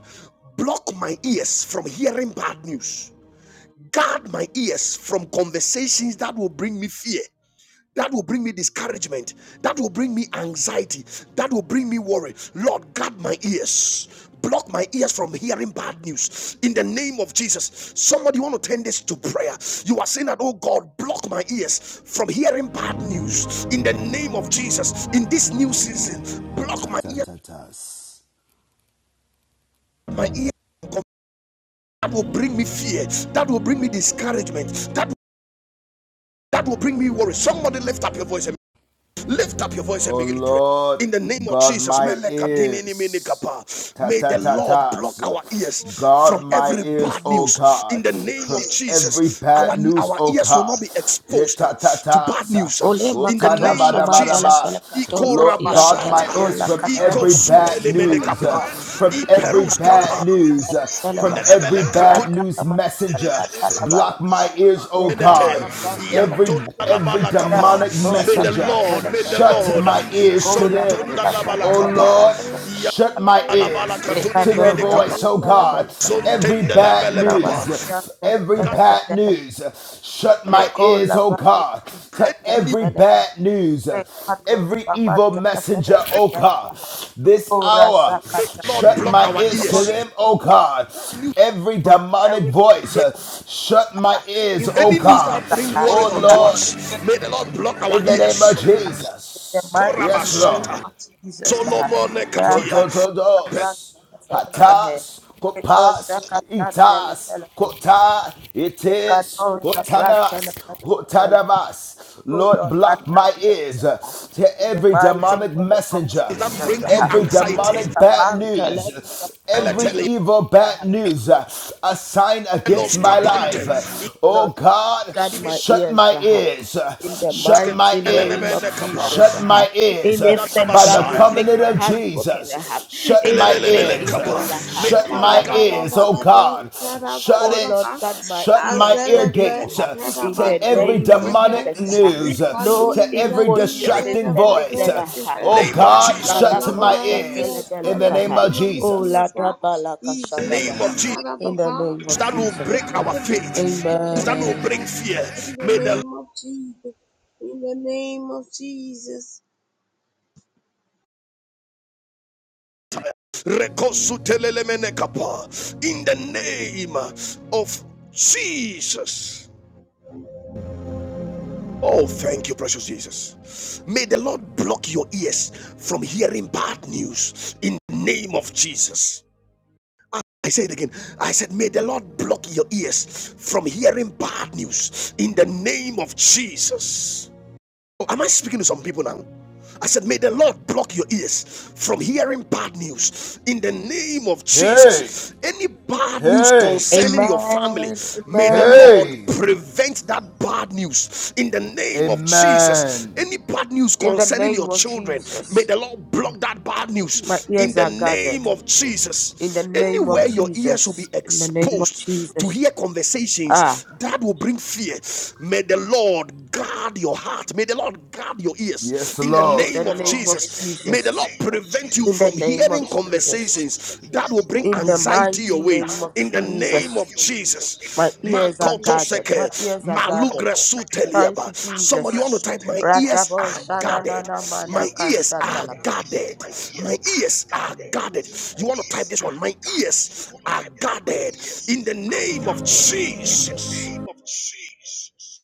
block my ears from hearing bad news. Guard my ears from conversations that will bring me fear that will bring me discouragement that will bring me anxiety that will bring me worry lord guard my ears block my ears from hearing bad news in the name of jesus somebody want to turn this to prayer you are saying that oh god block my ears from hearing bad news in the name of jesus in this new season
Oh
block
ta
my
ta
ears
ta tas.
my ears that will bring me fear that will bring me discouragement that that will bring me worry somebody lift up your voice Lift up your voice and
O
begin to pray.
Lord,
In the name of
God
Jesus,
my
melekadini ni
ears. Ta
may
ta
the
ta
Lord
ta.
block our ears
God
from
my
every
ears,
bad
O
news. In
God.
the name
From
of
every
Jesus, our,
bad news,
our
O
ears will
God.
not be
Hit
exposed
ta
uh,
ta
to bad
ta.
news. uh.
Ole
O
In the
ta
makato
da
name
ba da
of
shaman
ba da
tele
ba.
fele
Jesus,
kato
Iko
Lord
zafiyan
God
tele
my
rabashata,
ears
mola
from
katele
Iko
every
tele
bad
sutele mene
tele
news. uh, From every bad news.
tele
uh,
tele
From
baha.
every
Ya
bad
tala
news
makata
messenger.
tala
Block
balaka.
my ears, O
Yeko
God.
tele
Every
fele.
every
Ya
demonic
kato
messenger
May the
shaman
messenger.
Lord,
tele
may the
fele
Shut
kehe.
Lord,
my
Iko
ears to
la
them.
Sontonda
makata tala
Oh Lord,
malaka.
Labalakapa,
shut my ears
Yalabalakatuni
to their
Yekato
Nimidikapa,
voice, oh
Sapata
God.
Labalaka,
Every
Zontende
bad news,
Lebelekapa.
Labaskia
every
God,
Telebeleka,
bad news. Shut my
every
Leko
ears, oh
Lapato
God, to
news,
every
velaka
bad news,
Lekato
every evil
Samata
messenger,
Telebeleka
oh God.
Telebaha,
This
Ora
hour,
may
Sakata,
the Lord
shut
block
my
our
ears to
all
ears.
them, oh God. Every
from
demonic
every
voice, shut my ears,
evil
oh
Any news that
God.
that
bring
are
worry
Oh
that
unto
are
Lord.
us,
here
may the Lord block our
In
in
the name
ears.
of
people, in the
Jesus.
mighty
Yes,
name
Lord.
Korabashata,
of Jesus.
Solomon Katia,
Yakato Sapata
Tototodos.
Telebeleka,
Hatas.
Leko
Kopas.
Sakata
Itas.
Telebeleka.
Kota. Itis.
Yekatosha branta
Hotanas.
lebabetelema.
Hotanamas.
Oh
Lord,
Lord, God,
block
my
my
ears.
ears uh,
ah,
to
In the
every
from
mighty
demonic
name of
messenger,
that
Jesus.
bring you
ah.
every
anxiety.
demonic bad
Ushapanta leva
news, every
goes
Beletelia,
upon
evil bad
me.
news, uh, a sign against
Elos
my
Kapante,
life. Uh, Oh
Lord,
God,
guard my
shut
ears,
my
Zaha.
ears,
In the
shut
May
my
mighty name of
ears,
Jesus,
shut
uh,
my ears
anything
by the
that will make
covenant
my
of
heart broken, uh,
Jesus. Shut my
anything
ears,
evil uh,
the
shut
Lord
my
that
God
will
ears, oh
hurt me,
God,
uh,
shut
oh
it,
Lord, guard my
shut my
ears
ear
from it.
Azeleven,
gates
Uh, in
to
the
every
name of
we
demonic
Jesus, uh,
news,
no
to every
evil news is
distracting voice.
permitted. Uh,
the
Oh
name of
God,
Jesus,
Had a
shut to
block
Malako
my
my ears
ears in
from
the
shatelebeleka,
every
name
uh,
of
demonic
oh
Jesus.
Lada
music,
balaka
the
easily
name of
shadabaha.
is
Jesus
had a
In the
baha
name of
that
from
will
Jesus,
break
every
our
every any
faith,
evil
that will
Amen.
bring
music.
fear.
In the
May the
name of Jesus, in the name of Jesus,
in the name of Jesus. Oh, thank you, precious Jesus. May the Lord block your ears from hearing bad news in the name of Jesus. I say it again, I said, May the Lord block your ears from hearing bad news in the name of Jesus. Oh, am I speaking to some people now? I said, May the Lord block your ears from hearing bad news in the name of
Hey,
Jesus. Any bad news
hey,
concerning your family,
Amen.
may the
Amen.
Lord
hey,
prevent that bad news in the name of Jesus.
amen.
Any bad news
In the
concerning
name
your
of
children, may
Jesus.
the Lord block that bad
My
news in
ears
the
are guarded.
name of
In the
Jesus.
name
In
of
Anywhere
the.
your ears will
Jesus.
be
In the name of
exposed to
Jesus.
hear
Ah,
conversations that will bring fear, may the Lord guard your heart. May the Lord guard your ears
Yes,
May
in the
the Lord
in
Yes,
Lord.
the
name
sound
of
name of
ears
Jesus.
in
May the
the
Jesus.
Lord
name of
prevent you
Jesus.
In the
from
May
name
the
hearing
of
Lord prevent
Jesus.
you from
conversations that will
hearing
bring
In the
conversations
anxiety your
mighty
way
that
name
will
of
in
bring
the
mighty name
name
anxiety
Jesus.
of
your way in the
My
Jesus.
name
ears
of
are
Jesus.
guarded. My ears are
My Makoto
guarded.
ears are seke, gathered.
Thank you,
malukre
Somebody
My
want
Jesus.
to type, My
suteliaba.
ears
ears.
Rakabo
are
Somebody all
shana
the
na
time,
guarded.
na
my
mana
ears
My ears
are
kasa
are
guarded.
talabaha.
guarded.
My ears
My
are
ears are
guarded.
guarded.
My
You want to
ears
type this one,
are
My
guarded. You
ears
want to
are
type this one? My
guarded
ears
in the
are
name of
guarded in the
Jesus.
name of Jesus.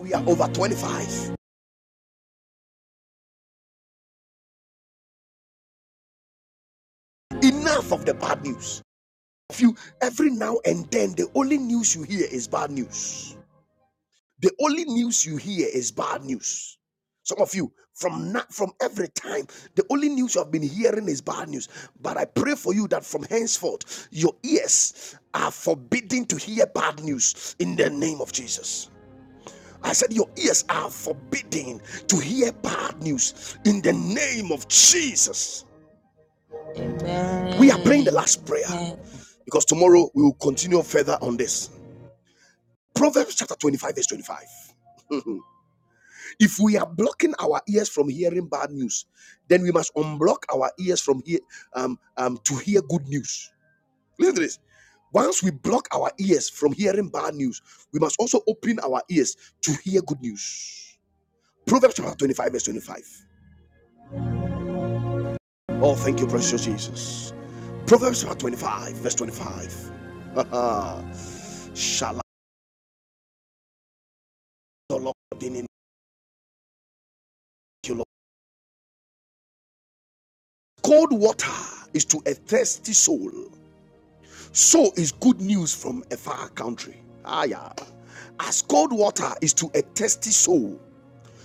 We are over 25. Enough of the bad news. If you every now and then the only news you hear is bad news. The only news you hear is bad news. Some of you from na- from every time the only news you have been hearing is bad news. But I pray for you that from henceforth your ears are forbidden to hear bad news in the name of Jesus. I said your ears are forbidden to hear bad news in the name of Jesus. We are praying the
Amen.
last prayer. because tomorrow we will continue further on this. Proverbs chapter 25, verse 25. If we are blocking our ears from hearing bad news, then we must unblock our ears from hear, um, um, to hear good news. Listen to this. Once we block our ears from hearing bad news, we must also open our ears to hear good news. Proverbs chapter 25, verse 25. Oh, thank you, precious Jesus. Proverbs chapter 25, verse 25. Shall Shalom. Cold water is to a thirsty soul. So is good news from a far country. Ah, yeah. As cold water is to a thirsty soul,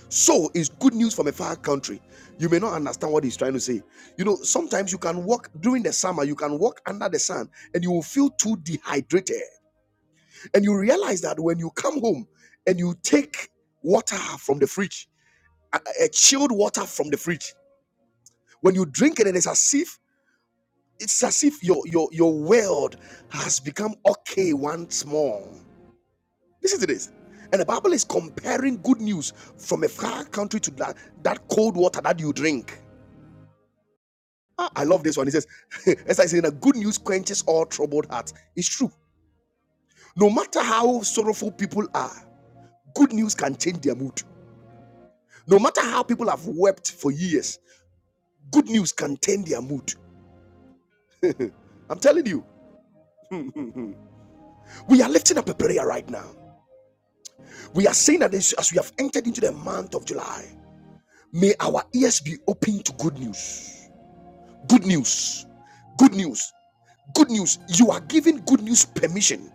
so is good news from a far country. You may not understand what he's trying to say. You know, sometimes you can walk during the summer, you can walk under the sun, and you will feel too dehydrated. And you realize that when you come home and you take water from the fridge, a, a chilled water from the fridge, when you drink it, it is as if It's as if your your your world has become okay once more. Listen to this. And the Bible is comparing good news from a far country to that, that cold water that you drink. Ah, I love this one. It says, as I say, that good news quenches all troubled hearts. It's true. No matter how sorrowful people are, good news can change their mood. No matter how people have wept for years, good news can turn their mood. I'm telling you, we are lifting up a prayer right now. We are saying that as we have entered into the month of July, may our ears be open to good news. Good news. Good news. Good news. You are giving good news permission.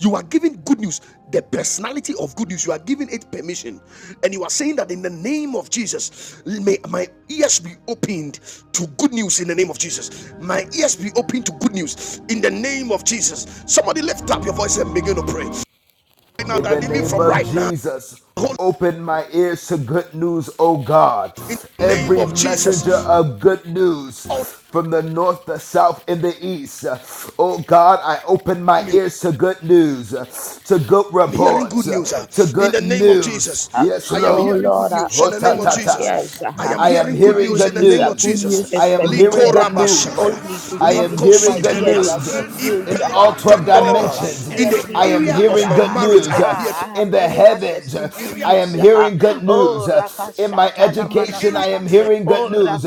You are giving good news, the personality of good news. You are giving it permission. And you are saying that in the name of Jesus, may my ears be opened to good news in the name of Jesus. My ears be open to good news in the name of Jesus. Somebody lift up your voice and begin to pray. Right now,
In the
that even
name
from
of
right now.
Jesus, open my ears to good news, O God.
name
Every
of
messenger
Jesus.
of good news
All
from the north, the south, and the east. Oh God, I open my ears to good news, to good
I'm hearing
reports,
good news uh,
to
in
good
the name of
news.
Jesus.
Yes,
I am
Lord.
Oh
hearing good
Lord, I
news in the name
open
of
my
Hotatatas.
Jesus.
ears
I
uh,
am
I am
hearing
to
good
hearing
news
good
in
good
the
news.
name
Uh,
of
news.
good
news.
news
I
is
Jesus.
am hearing
permitted
good
uh,
Likorabashaya,
news.
only to
I
come
am
into
hearing
my
good
ears.
linkosutelias,
Uh,
news
good news.
in all
Uh,
12
oh, my
impeluantendeleba. In
ears,
dimensions.
the
I
hear
am
area
me.
of
hearing
my
good
Uh,
marriage,
news
I am hearing
ah, I
in
have
the
given access
heavens.
to good
area,
I am
news. Uh,
hearing good news
oh,
in my
Rakashatana
education. I
area
Manakaha.
am
of my
hearing good
Oh,
news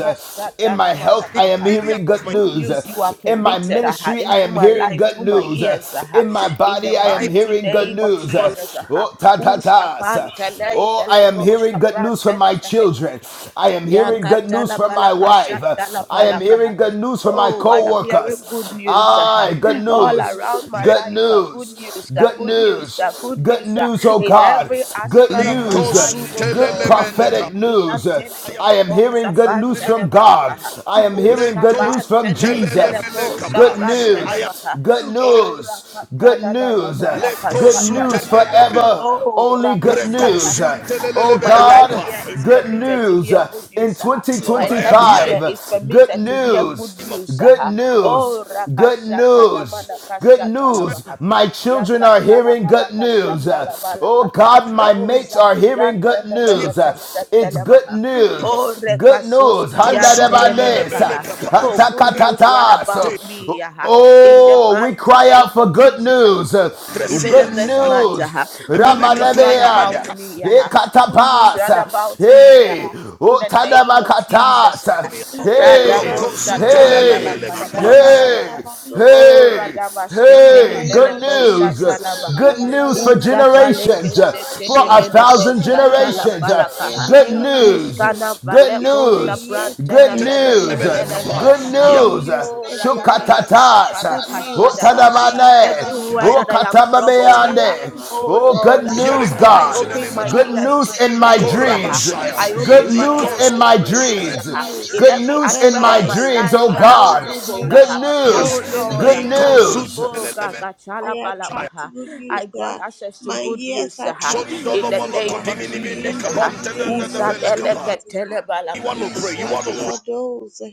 in my health. I am
Manakaha
area
hearing
of
good
my
good
news
news you are
in my
permitted aha,
ministry. I
into
am
my
hearing
life
good
through my
news
ears aha,
in my
in the
body. I am
in
mighty
hearing good
name of
news.
my
Jesus. aha.
Oh, ta ta
Ooh,
ta.
shabantelei,
Oh, I am
feleko,
hearing good news from my
shabrantelefe.
children. I am hearing good news
Yakatala
from my
palaka
wife.
shata la
I am
palaka.
hearing good news from my
Oh, I am hearing good
co-workers.
news
Ah,
ah.
good
all around
news.
my
Good
life. ah. Good
news.
news, ah,
Good
good news, ah,
news.
good
Good
news ah.
news, oh
in
God.
every
Good
aspect of my
news.
life, oh
Good
Lord. ah.
Likosutelelemeneka.
prophetic news.
Inantene
I am
I
mene
am
kosa
hearing good news
in the
fantene
from God.
malaka, ah.
I am hearing
Uska
good
Lekos-
news from
pantene ifele
Jesus.
kosa
Good
I am
prantene
news.
maha.
Good
Oh,
news. Good
rakatana na na
news. uh,
malaka
Good
shata la
news
maha.
forever.
Oh,
Only good
rakasata
news.
na
Uh,
maha.
Oh
My right right
God,
ear is
good
permitted to
news
hear
uh,
good
in
news. ah.
Yes, Lord,
My
I am
left ear
2025.
hearing
uh,
is
Good
permitted to hear good
of
news.
news.
Good
ah. Oh,
news. Good
rakashatana
news. Good news.
manakashatalabaha.
My children are hearing
Yakatalabala
good news. Uh, Oh God, my
Oh,
mates are hearing
Zafiyanta
good news.
hearing
Uh,
Nemeneka
It's good
Shatelebaha.
news.
of
Oh,
Good news.
Rekasoski
Handa de bandes. Uh,
kosutelelebele
Yantenemenekaha.
kapa.
Oh, good news run
Te
about me.
Hatakatatas.
ah. In the
Oh, we
mighty
cry out
name
for
of
good
Jesus. ah
news. Uh,
even
Good
in this
and
month,
news.
uh, good news
katuni
round
Rabbanebead.
about me, uh, good news round
katapas,
about me,
Hey.
uh, in the name of Jesus. Uh,
katuni
Otadabakatas.
that those
Hey.
that
Radabo
you that
shatalabala
eat,
Hey.
rokosutelelebele
that
kapa.
eat, that
Hey.
kashatalabaha,
about those
oh
okay?
Hey.
radabaske
In the
Hey.
name
Good
of
telefeleko
news.
Jesus, in
shatalabaha,
Good news
the
for
name of
uza faleke
generations.
Jesus,
For
shetende
a
I
meneko
trust
thousand
you.
generations.
I am
shatalafalakaha,
Good
hearing good news.
uskana
news. Good
It's
valeko
my
news.
ears with
Good
shaprantena
hear good
feneke
news.
news.
Telelebele
ah.
kapa.
Good
televelekaha,
Good
Young,
news.
news
oh
everywhere.
radadadadada
Shukatatas.
Good news,
palakashadabaha,
Adi
Otadabane.
Zabaha.
Everywhere
I
that I am troubled,
Concerning
uh,
my
Okatababeande.
marriage,
oh
Oh,
good
Lord,
news,
good
am
my
uh,
news,
hearing good
I
news in
God.
finances,
the
open
name
good
of
my
Good
news,
ears to
news in
good
my
my
news. uh,
dreams.
education,
Korabashaya.
I
good
Good
open
news,
my
my
news
ears
Likos
in
to
my
good
workplace,
news
good
uh,
dreams.
news.
in
Good
every
news in
Wherever
aspect
my
of
I
my
step
dreams, oh
life that I'm
God.
troubled.
Good
uh,
in
Yes,
Oh
news.
the
Lord,
Good
uh,
name of
Likos
oh
Jesus,
news.
I,
God, God,
Elementary,
I
shalabalaba,
attract
uh,
good
I
news.
grant
Uh,
access to
my
good
ears
news uh,
attract good
in the
news. Uh,
name of
in
Jesus. uh,
the name of
Usadeleke
Jesus, uh,
You want
telebalaka,
he
to pray? You
shall
want to
be
pray?
a dose. Uh,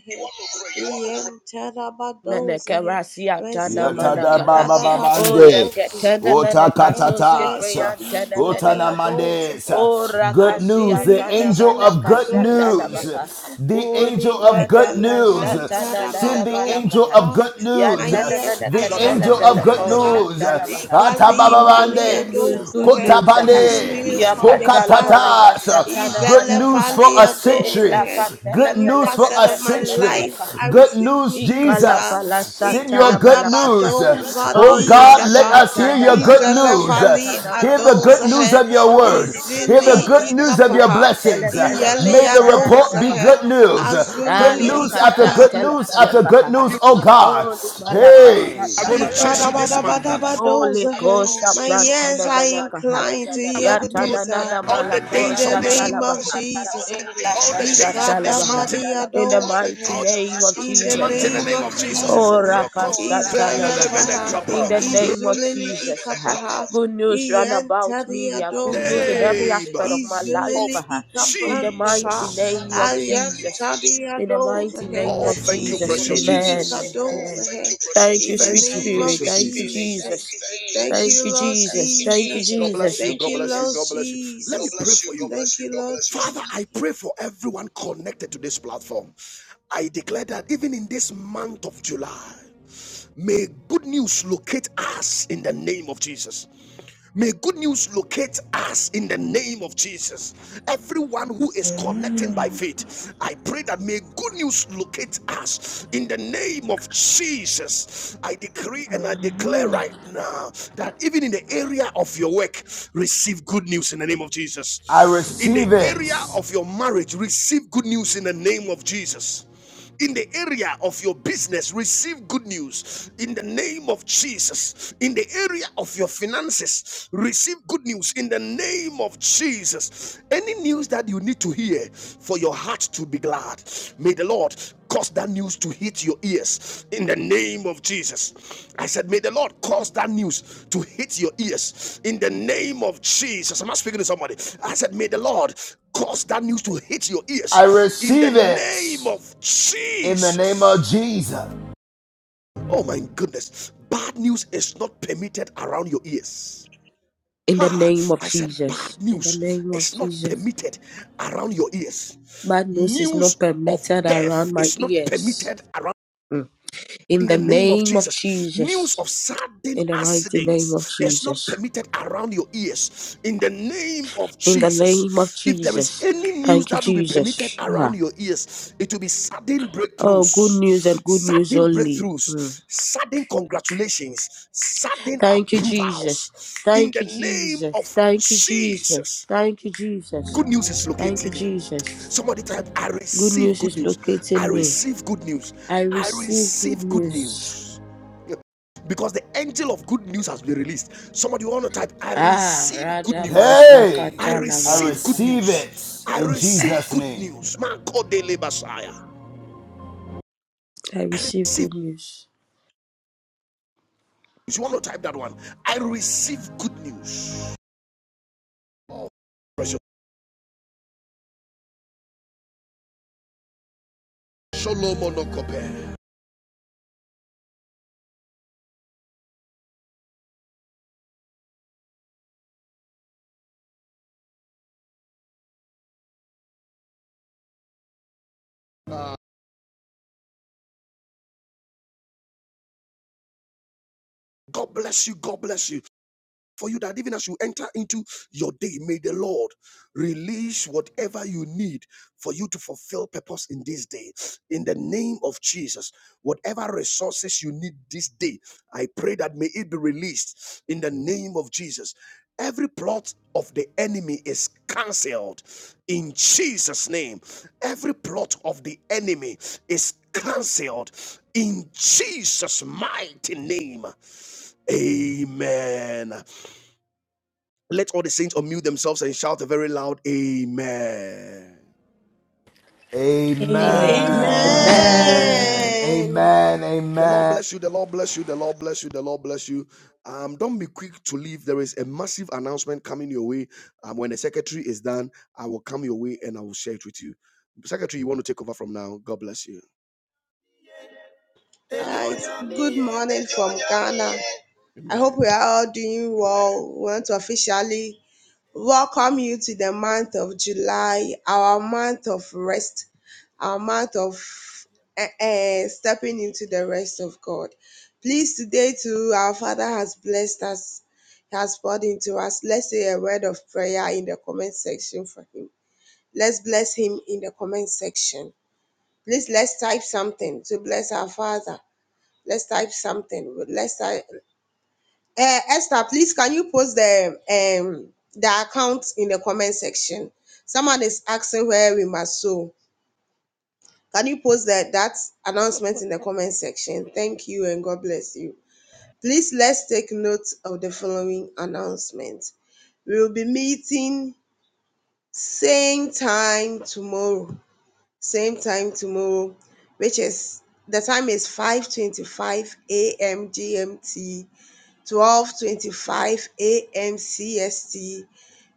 he entered about those. Uh,
Menekarasiatana
residue
Yatada
manakaha.
baba
O
babande.
adults. Uh,
leketene
Ota
when
menekasoske
prayer
katatas.
preyantene
Ota
the
menekaha.
adults. Uh,
O
namandes. Good news,
Azunili
the
rakashiatana
angel
izu
of good
manakashata
adults.
news.
labaha.
The
Uli
angel of good news.
madakashatana
Send the angel
dadabalakaha.
of
Regalevrantarabadosa.
good
My
news.
Yatana
ears
The
attract
menekatele
angel
good
of good
veleko
news. ah.
news.
shata
Good
labaha.
Ata
Good
baba
news, good
news,
bandes.
news, good
Kota
Ikalivaliadosa.
news. ah. ya aha.
Good
bande.
Lord.
news from the
Yakatala
Father.
Hokatatas.
balakashatana
Good news
manakaha.
for a
Ivelevaliadosa.
century.
Elakatele
Good
Every
news for
facet
a
of my
pelekashetele
century.
life,
velekaha.
I
Good
receive
news,
good news.
Ikala
ah.
Jesus.
bala
Send your
satala
good
balakaha.
news.
Ikadabadoza
Oh
Ole
God, let
dizapa
madia
us hear
tana
your good
manaka
news.
izelevali
satana
Hear the good
manakaha.
adozahe
news of your
O
word.
reko,
Hear
izili
the good
satana
news of your
ikapaha
belaka tele
blessings.
feleko
iyeli
May the report be
adozahe
shadada
good news. Good
azulili
news after
Alekata
ikapaha
good news after good
telefelekaha.
news, oh God.
Oli malaka
Hey,
I'm going
satana
to chase you this
manakaha.
month.
Oli
Ikadabadabadabadozahe.
kosha
My ears
prantana
are
velekaha.
inclined to
I'm
hear
going
the
to follow
Yatana
news uh,
nana
you all the
in
malako
days
the
of this,
name of
satalabaha.
Jesus.
all
Elaka
the
He
days of
got the
this
satalabaha.
month,
In the
Ikadavadiadosa.
mighty
all
name of
In
this
the
Jesus.
month in the
ah.
name
name
of
of Jesus.
Oh,
Jesus.
Raka Satana Maha.
Izelevaha.
In the name of
Izulili
Jesus. ah.
ikapaha.
Good news run about me. ah. Good
Iyentadiadosa.
news in every
Name
aspect of my life.
Izulili
of
ah. In the mighty
ikaprantapaha.
Jesus.
name of Jesus. In the
Ayantadiadosa.
mighty name
Oh,
of
thank you,
Jesus.
precious
Izulili
Amen.
Jesus.
Amen.
ikadosa.
Thank
In
you,
the
sweet
Thank you,
name of
spirit.
precious
Thank you,
Jesus.
Jesus.
Jesus.
Thank
Thank
you,
you,
Lord
Jesus. Thank you,
God
Jesus.
bless
Jesus.
you.
Thank
God
you,
bless you.
Lord
God bless you. Let me
Jesus.
pray for you.
Thank you, Lord Jesus.
Father, I pray for everyone connected to this platform. I declare that even in this month of July, may good news locate us in the name of Jesus. May good news locate us in the name of Jesus. Everyone who is connecting by
Amen.
faith, I pray that may good news locate us in the name of Jesus. I decree and I declare
Amen.
right now that even in the area of your work, receive good news in the name of
I
Jesus. In the
receive
area
it.
of your marriage, receive good news in the name of Jesus in the area of your business receive good news in the name of jesus in the area of your finances receive good news in the name of jesus any news that you need to hear for your heart to be glad may the lord cause that news to hit your ears in the name of Jesus. I said, May the Lord cause that news to hit your ears in the name of Jesus. Am I speaking to somebody? I said, May the Lord cause that news to hit your
I
ears in the
receive
name
it
of
in the name of
Jesus.
Jesus.
Oh my goodness. Bad news is not permitted around your ears.
In the
Ah,
name of
I said,
Jesus.
bad
In the
news
name of
is not
Jesus.
permitted around your ears.
Bad news is
News
not
of
permitted around
death
my
is not
ears.
permitted around.
In
in
the
the name of
name of
Jesus. News
Jesus.
of sudden
In the mighty name of
accidents is not
Jesus.
permitted around your ears in the name of
In the name of
Jesus. If there is
Jesus.
any news
Thank you,
that will be
Jesus.
permitted around
Ah.
your ears, it will be sudden
Oh, good news
breakthroughs,
and good news
sudden
only. Hmm.
breakthroughs, sudden congratulations, sudden
Thank you, Jesus.
approvals in
Thank
the
you,
name
Jesus.
of
Thank you, Jesus.
Jesus.
Thank you, Jesus.
Good news is
Thank you,
locating you.
Jesus.
Somebody type, I
Good
receive
news
good
is
news. I
locating me.
receive good news.
I
I
receive good
receive good
news.
news. Yeah. Because the angel of good news has been released. Somebody want to type, I
Ah,
receive good
Radabo
news.
Hey,
I
Shakata
I
receive good
Lavalakaha.
receive
news.
it
I
in
receive
Jesus'
good
name.
news. Man, call daily Messiah.
I receive
Receive.
good news.
You want to type that one? I receive good news. Precious. Shalom, Onokope. God bless you. God bless you. for you that even as you enter into your day, may the Lord release whatever you need for you to fulfill purpose in this day. In the name of Jesus, whatever resources you need this day, I pray that may it be released in the name of Jesus. Every plot of the enemy is cancelled in Jesus' name. Every plot of the enemy is cancelled in Jesus' mighty name. Amen. Let all the saints unmute themselves and shout a very loud Amen.
Amen.
Amen.
Amen.
Amen.
Amen.
Amen.
Amen.
Amen.
The Lord
Amen.
bless you. The
The
Lord
Lord
bless
bless
you. The
you. The
Lord
Lord
bless you.
bless
The
you. The
Lord
Lord
bless
bless
you.
you. The Lord bless
Um,
you.
don't be quick to leave. There is a massive announcement coming your way. Um, when the secretary is done, I will come your way and I will share it with you. Secretary, you want to take over from now? God bless you.
Alright, good morning from Ghana. I hope
Amen.
we are all doing well. We want to officially welcome you to the month of July, our month of rest, our month of uh, uh, stepping into the rest of God. Please, today too, our Father has blessed us, He has poured into us. Let's say a word of prayer in the comment section for Him. Let's bless Him in the comment section. Please let's type something to bless our Father. Let's type something. Let's type. Uh, Esther, please can you post the um the account in the comment section? Someone is asking where we must sow. Can you post that that announcement in the comment section? Thank you and God bless you. Please let's take note of the following announcement. We will be meeting same time tomorrow. same time tomorrow, which is the time is 5:25 a.m. GMT, 12:25 a.m. CST.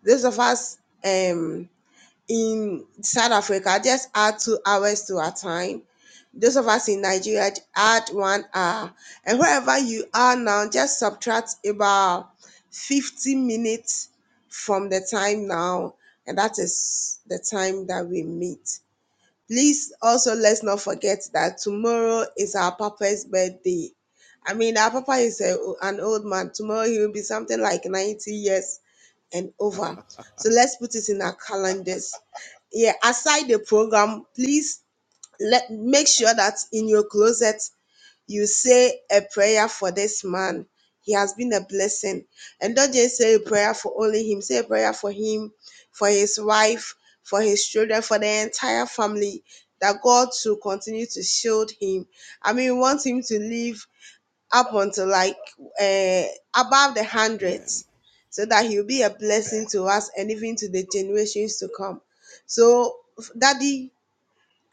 Those of us um in South Africa just add two hours to our time. Those of us in Nigeria add one hour, and wherever you are now, just subtract about 50 minutes from the time now, and that is the time that we meet. Please also let's not forget that tomorrow is our papa's birthday. I mean, our papa is a, an old man. Tomorrow he will be something like 90 years and over. So let's put it in our calendars. Yeah, aside the program, please let make sure that in your closet you say a prayer for this man. He has been a blessing. And don't just say a prayer for only him, say a prayer for him, for his wife, for his children, for the entire family, that God to continue to shield him. I mean, we want him to live up until like uh, above the
Amen.
hundreds so that he'll be a blessing to us and even to the generations to come. So, Daddy,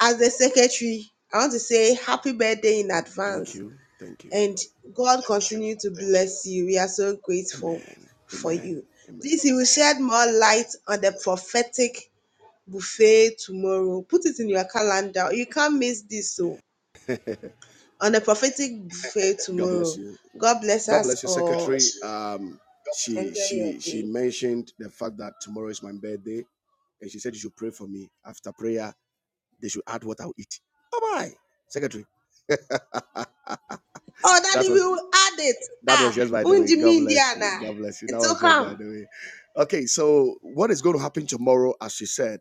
as the secretary, I want to say happy birthday in advance
Thank you. Thank you.
and God continue to bless you. We are so grateful
Amen.
for
Amen.
you.
Amen.
Please, He will shed more light on the prophetic buffet tomorrow. Put it in your calendar. You can't miss this. So, on the prophetic buffet
God bless
tomorrow.
you.
God bless
God
us
bless you,
all. God
Secretary.
bless you.
Um, she she she mentioned the fact that tomorrow is my birthday, and she said you should pray for me. After prayer, they should add what I'll eat. Bye bye, Secretary.
Oh, Daddy,
That
we
was
will add it.
that was
Ah,
just by the way. God
Unjimi
bless
Indiana.
you. God bless you. That
It's will
was just by
come.
the way. Okay, so what is going to happen tomorrow? As she said,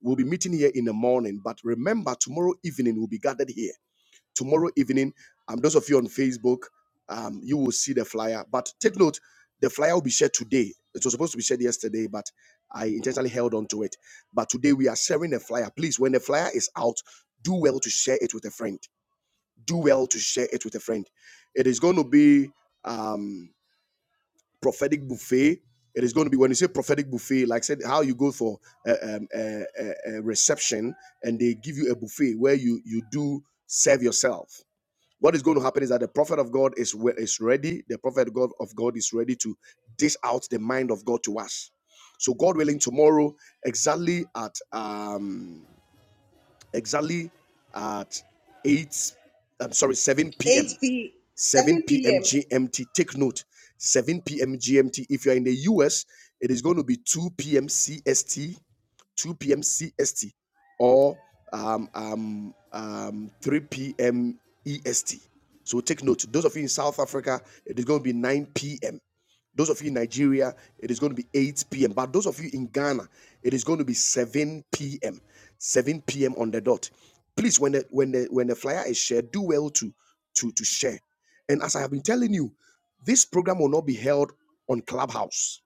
we'll be meeting here in the morning. But remember, tomorrow evening we'll be gathered here. tomorrow evening. Um, those of you on Facebook, um, you will see the flyer. But take note, the flyer will be shared today. It was supposed to be shared yesterday, but I intentionally held on to it. But today we are sharing the flyer. Please, when the flyer is out, do well to share it with a friend. Do well to share it with a friend. It is going to be um, prophetic buffet. It is going to be when you say prophetic buffet, like said, how you go for a, um, a, a a reception and they give you a buffet where you you do serve yourself what is going to happen is that the prophet of God is is ready. The prophet God of God is ready to dish out the mind of God to us. So God willing, tomorrow exactly at um exactly at eight. I'm sorry, seven
8
p.m.
p.
7
7
p.m.
p.m.
GMT. Take note, 7 p.m. GMT. If you're in the US, it is going to be 2 p.m. CST, 2 p.m. CST, or um, um, um, 3 p.m. EST. So take note. Those of you in South Africa, it is going to be 9 p.m. Those of you in Nigeria, it is going to be 8 p.m. But those of you in Ghana, it is going to be 7 p.m. 7 p.m. on the dot. Please, when the when the when the flyer is shared, do well to to to share. And as I have been telling you, this program will not be held on Clubhouse.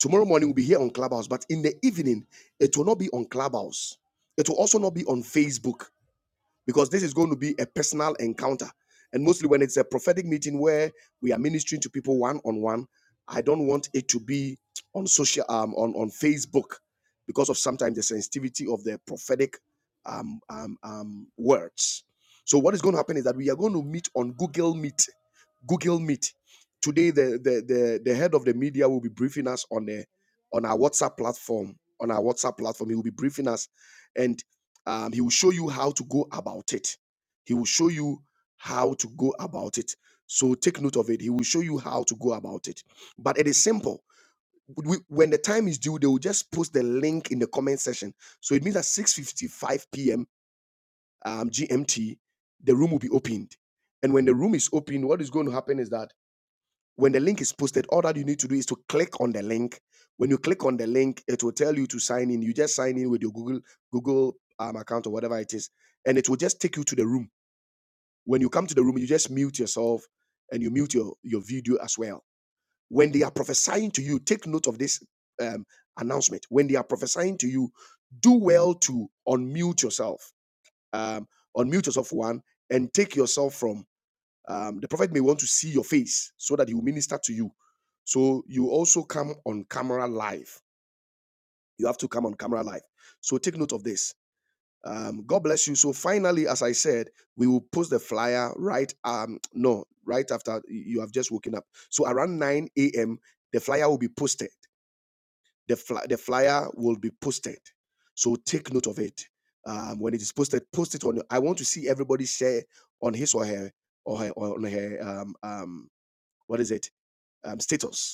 Tomorrow morning will be here on Clubhouse, but in the evening, it will not be on Clubhouse. It will also not be on Facebook because this is going to be a personal encounter. And mostly when it's a prophetic meeting where we are ministering to people one on one, I don't want it to be on social um, on on Facebook because of sometimes the sensitivity of the prophetic um, um, um, words. So what is going to happen is that we are going to meet on Google Meet. Google Meet. Today, the, the the the head of the media will be briefing us on the on our WhatsApp platform. On our WhatsApp platform, he will be briefing us, and um, he will show you how to go about it. He will show you how to go about it. So take note of it. He will show you how to go about it. But it is simple. We, when the time is due, they will just post the link in the comment section. So it means at 6:55 p.m. Um, GMT, the room will be opened. And when the room is open, what is going to happen is that when the link is posted, all that you need to do is to click on the link. When you click on the link, it will tell you to sign in. You just sign in with your Google Google um, account or whatever it is, and it will just take you to the room. When you come to the room, you just mute yourself and you mute your your video as well. When they are prophesying to you, take note of this um, announcement. When they are prophesying to you, do well to unmute yourself. Um, unmute yourself one and take yourself from um, the prophet may want to see your face so that he will minister to you. So you also come on camera live. You have to come on camera live. So take note of this. Um, God bless you. So finally, as I said, we will post the flyer right um no right after you have just woken up. So around 9 a.m. the flyer will be posted. The fly, the flyer will be posted. So take note of it. Um, when it is posted, post it on. I want to see everybody share on his or her or her on her um, um what is it um, status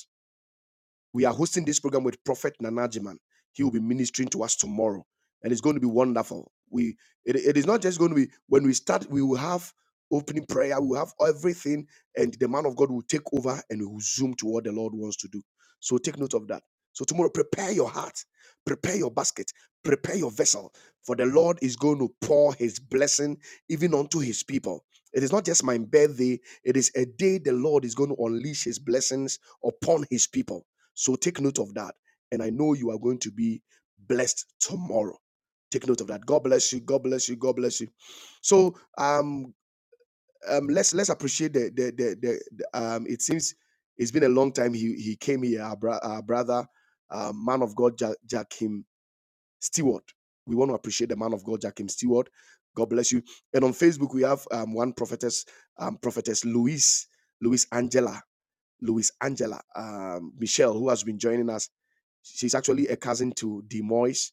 we are hosting this program with Prophet Nanajiman. He will be ministering to us tomorrow, and it's going to be wonderful. We it, it is not just going to be when we start, we will have opening prayer, we will have everything, and the man of God will take over and we will zoom to what the Lord wants to do. So take note of that. So tomorrow, prepare your heart, prepare your basket, prepare your vessel, for the Lord is going to pour his blessing even unto his people. It is not just my birthday, it is a day the Lord is going to unleash his blessings upon his people. So take note of that. And I know you are going to be blessed tomorrow. Take note of that. God bless you. God bless you. God bless you. So um, um let's let's appreciate the the the, the, the- um it seems it's been a long time he he came here, our, bro- our brother, uh, man of God Ja- Jakim Stewart. We want to appreciate the man of God Jakim Stewart. God bless you. And on Facebook we have um one prophetess, um prophetess Louise, Louise Angela. Luis Angela, um, Michelle, who has been joining us. She's actually a cousin to Demois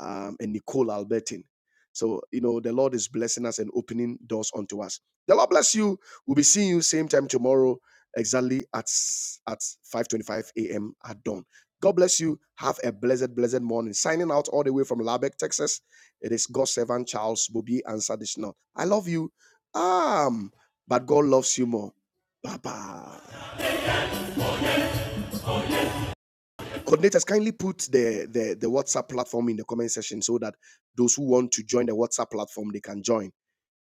um, and Nicole Albertin. So, you know, the Lord is blessing us and opening doors unto us. The Lord bless you. We'll be seeing you same time tomorrow, exactly at, at 5.25 a.m. at dawn. God bless you. Have a blessed, blessed morning. Signing out all the way from Lubbock, Texas. It is God's servant, Charles Bobby Answer this now. I love you. Um, but God loves you more. Bye-bye. coordinators kindly put the, the the whatsapp platform in the comment section so that those who want to join the whatsapp platform they can join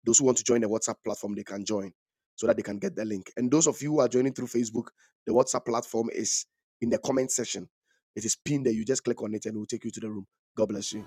those who want to join the whatsapp platform they can join so that they can get the link and those of you who are joining through facebook the whatsapp platform is in the comment section it is pinned there you just click on it and it will take you to the room god bless you